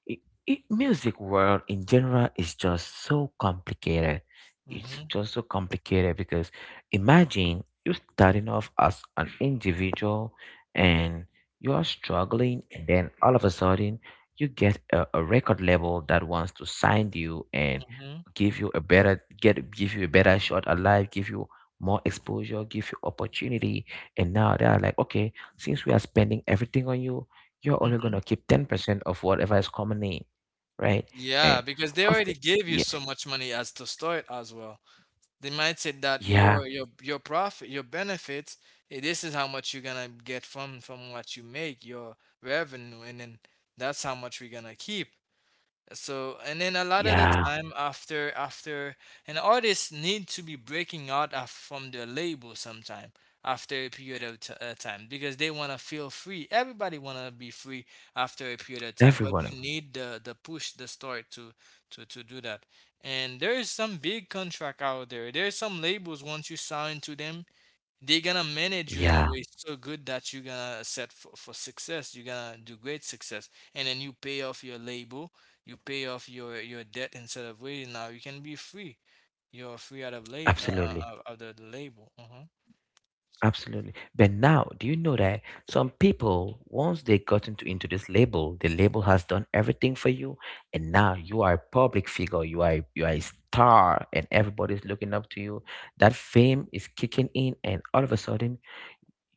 S2: i I music world in general is just so complicated. It's
S1: Mm-hmm,
S2: just so complicated because imagine you starting off as an individual and you are struggling, and then all of a sudden you get a record label that wants to sign you and
S1: mm-hmm,
S2: give you a better shot at life, give you more exposure, give you opportunity. And now they are like, okay, since we are spending everything on you, you're only
S1: mm-hmm.
S2: gonna keep 10% of whatever is commonly, right?
S1: Yeah,
S2: And
S1: because they
S2: after,
S1: already gave you
S2: yeah,
S1: so much money as to start as well. They might say that
S2: yeah,
S1: your profit, your benefits, this is how much you're gonna get from what you make, your revenue. And then that's how much we're gonna keep. So, and then a lot of the
S2: yeah,
S1: time, after an artist need to be breaking out of, from their label sometime after a period of time, because they want to feel free. Everybody want to be free after a period of time, but
S2: every one
S1: you
S2: of,
S1: need the push, the start to do that. And there is some big contract out there. There's some labels, once you sign to them, they're gonna manage you in a
S2: yeah,
S1: way so good that you're gonna set for success. You're gonna do great success, and then you pay off your label, you pay off your debt instead of waiting. Now you can be free. You're free out of label,
S2: absolutely,
S1: out of the label. Uh-huh.
S2: absolutely. But now, do you know that some people, once they got into this label, the label has done everything for you, and now you are a public figure, you are a star, and everybody's looking up to you. That fame is kicking in, and all of a sudden,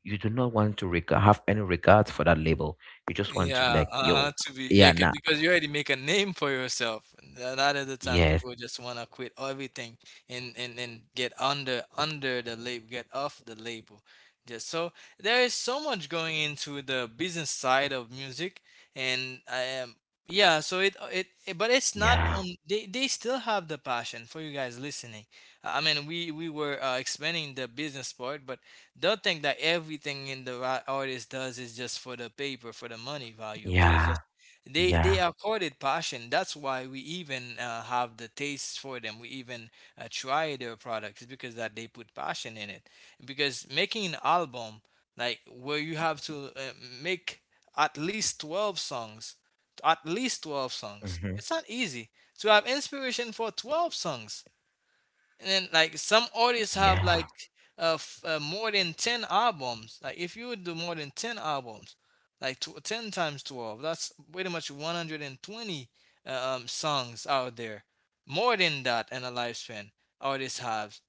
S2: you do not want to have any regards for that label. You just want to be
S1: Yeah,
S2: like,
S1: uh-huh,
S2: yo,
S1: to be yeah,
S2: yeah,
S1: 'cause-
S2: nah,
S1: because you already make a name for yourself. A lot of the time,
S2: yes,
S1: people just want to quit everything and get under the label, get off the label. Just so there is so much going into the business side of music, and I am, yeah. So but it's not
S2: yeah,
S1: on. They still have the passion for you guys listening. I mean, we were explaining the business part, but they'll think that everything in the artist does is just for the paper, for the money value, but it's just
S2: yeah,
S1: they
S2: yeah,
S1: accorded passion. That's why we even have the tastes for them. We even try their products because that they put passion in it. Because making an album, like where you have to make at least 12 songs, at least 12 songs.
S2: hmm,
S1: It's not easy to have inspiration for 12 songs. And then like some artists have
S2: yeah,
S1: like, more than 10 albums. Like if you would do more than 10 albums, like tw 10 times 12, that's pretty much 120 songs out there, more than that in a lifespan. Artists have,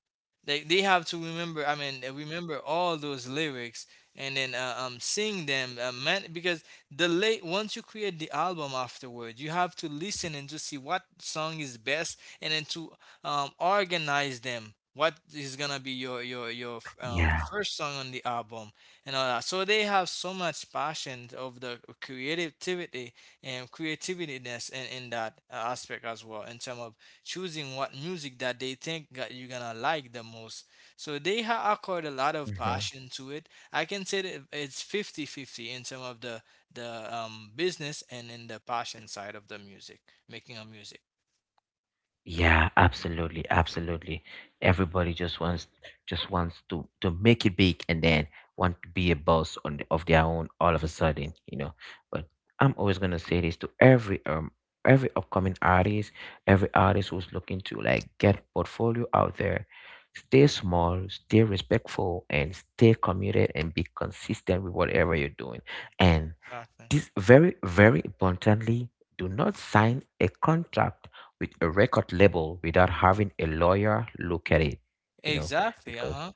S1: they have to remember. I mean, remember all those lyrics, and then sing them. Man, because the late once you create the album afterward, you have to listen and to see what song is best, and then to organize them. What is gonna be your
S2: yeah.
S1: first song on the album, and all that. So they have so much passion of the creativity and creativityness in that aspect as well, in terms of choosing what music that they think that you're gonna like the most. So they accord a lot of
S2: Hmm.
S1: passion to it. I can say that it's fifty-fifty in terms of the business and in the passion side of the music, making a music.
S2: Yeah, absolutely, absolutely. Everybody just wants, just wants to make it big, and then want to be a boss on the, of their own all of a sudden, you know. But I'm always gonna say this to every upcoming artist, every artist who's looking to like get portfolio out there. Stay small, stay respectful, and stay committed and be consistent with whatever you're doing.
S1: Mhm.
S2: And
S1: Exactly.
S2: this very, very importantly, do not sign a contract with a record label without having a lawyer look at it. You know,
S1: Exactly. Uh
S2: because
S1: huh.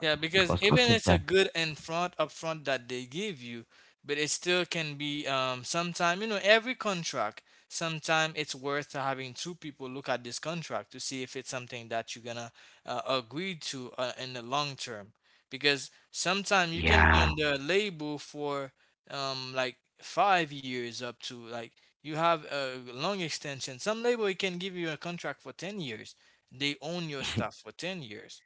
S1: Yeah, because
S2: because
S1: even it's a
S2: oftentimes,
S1: good and front upfront that they give you, but it still can be sometime, you know, every contract, sometime it's worth having two people look at this contract to see if it's something that you're gonna agree to in the long term. Because sometime you can be
S2: yeah,
S1: under a label for like 5 years, up to like you have a long extension. Some label it can give you a contract for 10 years. They own your
S2: *laughs*
S1: stuff for 10 years.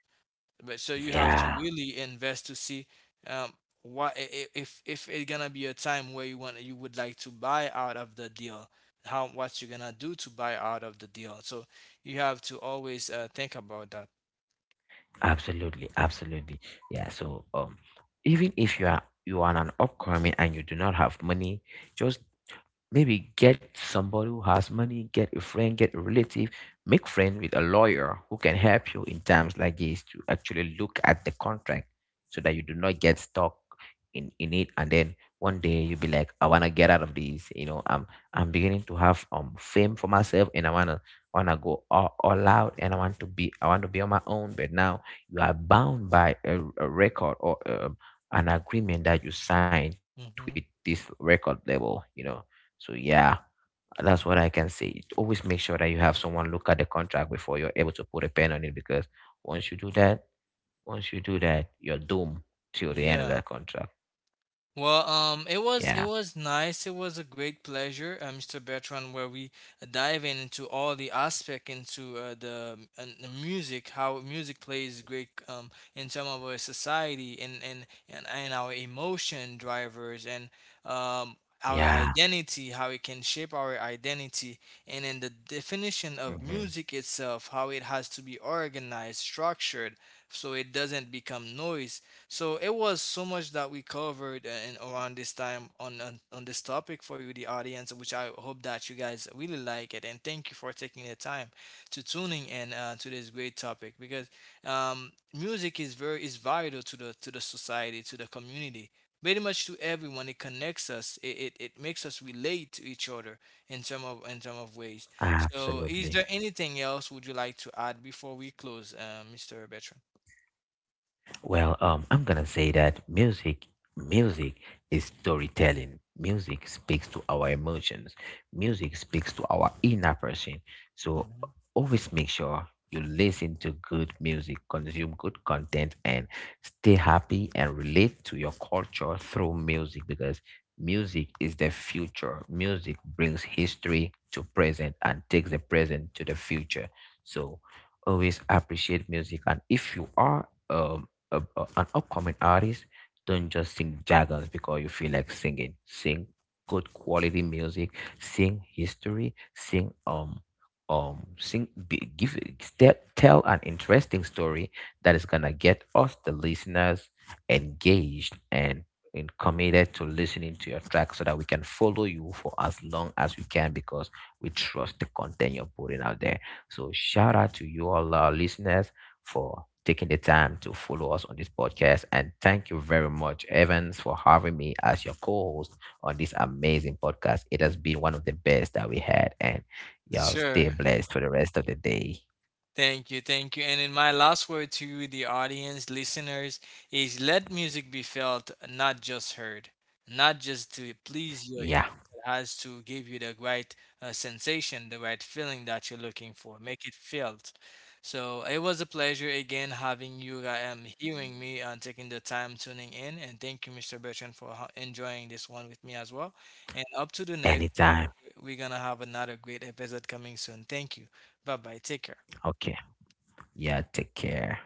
S1: But so you have to
S2: yeah,
S1: really invest to see, um if it's gonna be a time where you would like to buy out of the deal, how what you're gonna do to buy out of the deal. So you have to always think about that.
S2: absolutely, absolutely, yeah. So, even if you are an upcoming and you do not have money, just maybe get somebody who has money, get a friend, get a relative, make friends with a lawyer who can help you in times like this to actually look at the contract so that you do not get stuck in it, and then one day you'll be like, I wanna get out of this, you know, I'm beginning to have fame for myself, and I wanna, wanna go all out, and I want to be, I want to be on my own, but now you are bound by a record, or an agreement that you signed with this
S1: Hmm.
S2: record label, you know. So yeah, that's what I can say. Always make sure that you have someone look at the contract before you're able to put a pen on it, because once you do that, you're doomed till the end of that
S1: Yeah.
S2: contract.
S1: Well, it
S2: Yeah.
S1: was nice. It was a great pleasure, Mr. Bertrand, where we dive in into all the aspect into the music, how music plays great in terms of our society and and our emotion drivers and um our
S2: Yeah.
S1: identity, how it can shape our identity, and in the definition of
S2: Hmm.
S1: music itself, how it has to be organized, structured, so it doesn't become noise. So it was so much that we covered in around this time on this topic for you, the audience, which I hope that you guys really like it. And thank you for taking the time to tuning in to this great topic, because music is very is vital to the society, to the community. Pretty much to everyone, it connects us. It makes us relate to each other in term of ways. So, is
S2: Absolutely.
S1: there anything else would you like to add before we close, Mr. Bertrand?
S2: Well, I'm gonna say that music, music is storytelling. Music speaks to our emotions. Music speaks to our inner person. So
S1: Mhm.
S2: always make sure you listen to good music, consume good content, and stay happy and relate to your culture through music because music is the future. Music brings history to present and takes the present to the future. So always appreciate music. And if you are an upcoming artist, don't just sing jagger because you feel like singing. Sing good quality music. Sing history. Give, tell an interesting story that is gonna get us the listeners engaged and committed to listening to your track so that we can follow you for as long as we can because we trust the content you're putting out there. So shout out to you all our listeners for taking the time to follow us on this podcast. And thank you very much, Evans, for having me as your co host on this amazing podcast. It has been one of the best that we had. And y'all stay
S1: Sure.
S2: blessed for the rest of the day.
S1: Thank you, thank you. And in my last word to the audience, listeners, is let music be felt, not just heard, not just to please your ear.
S2: Yeah,
S1: It has to give you the right sensation, the right feeling that you're looking for. Make it felt. So it was a pleasure again having you, I'm hearing me, and taking the time tuning in. And thank you, Mr. Bertrand, for enjoying this one with me as well. And up to the next,
S2: anytime.
S1: we're gonna have another great episode coming soon. Thank you. Bye bye. Take care.
S2: Okay. Yeah, take care.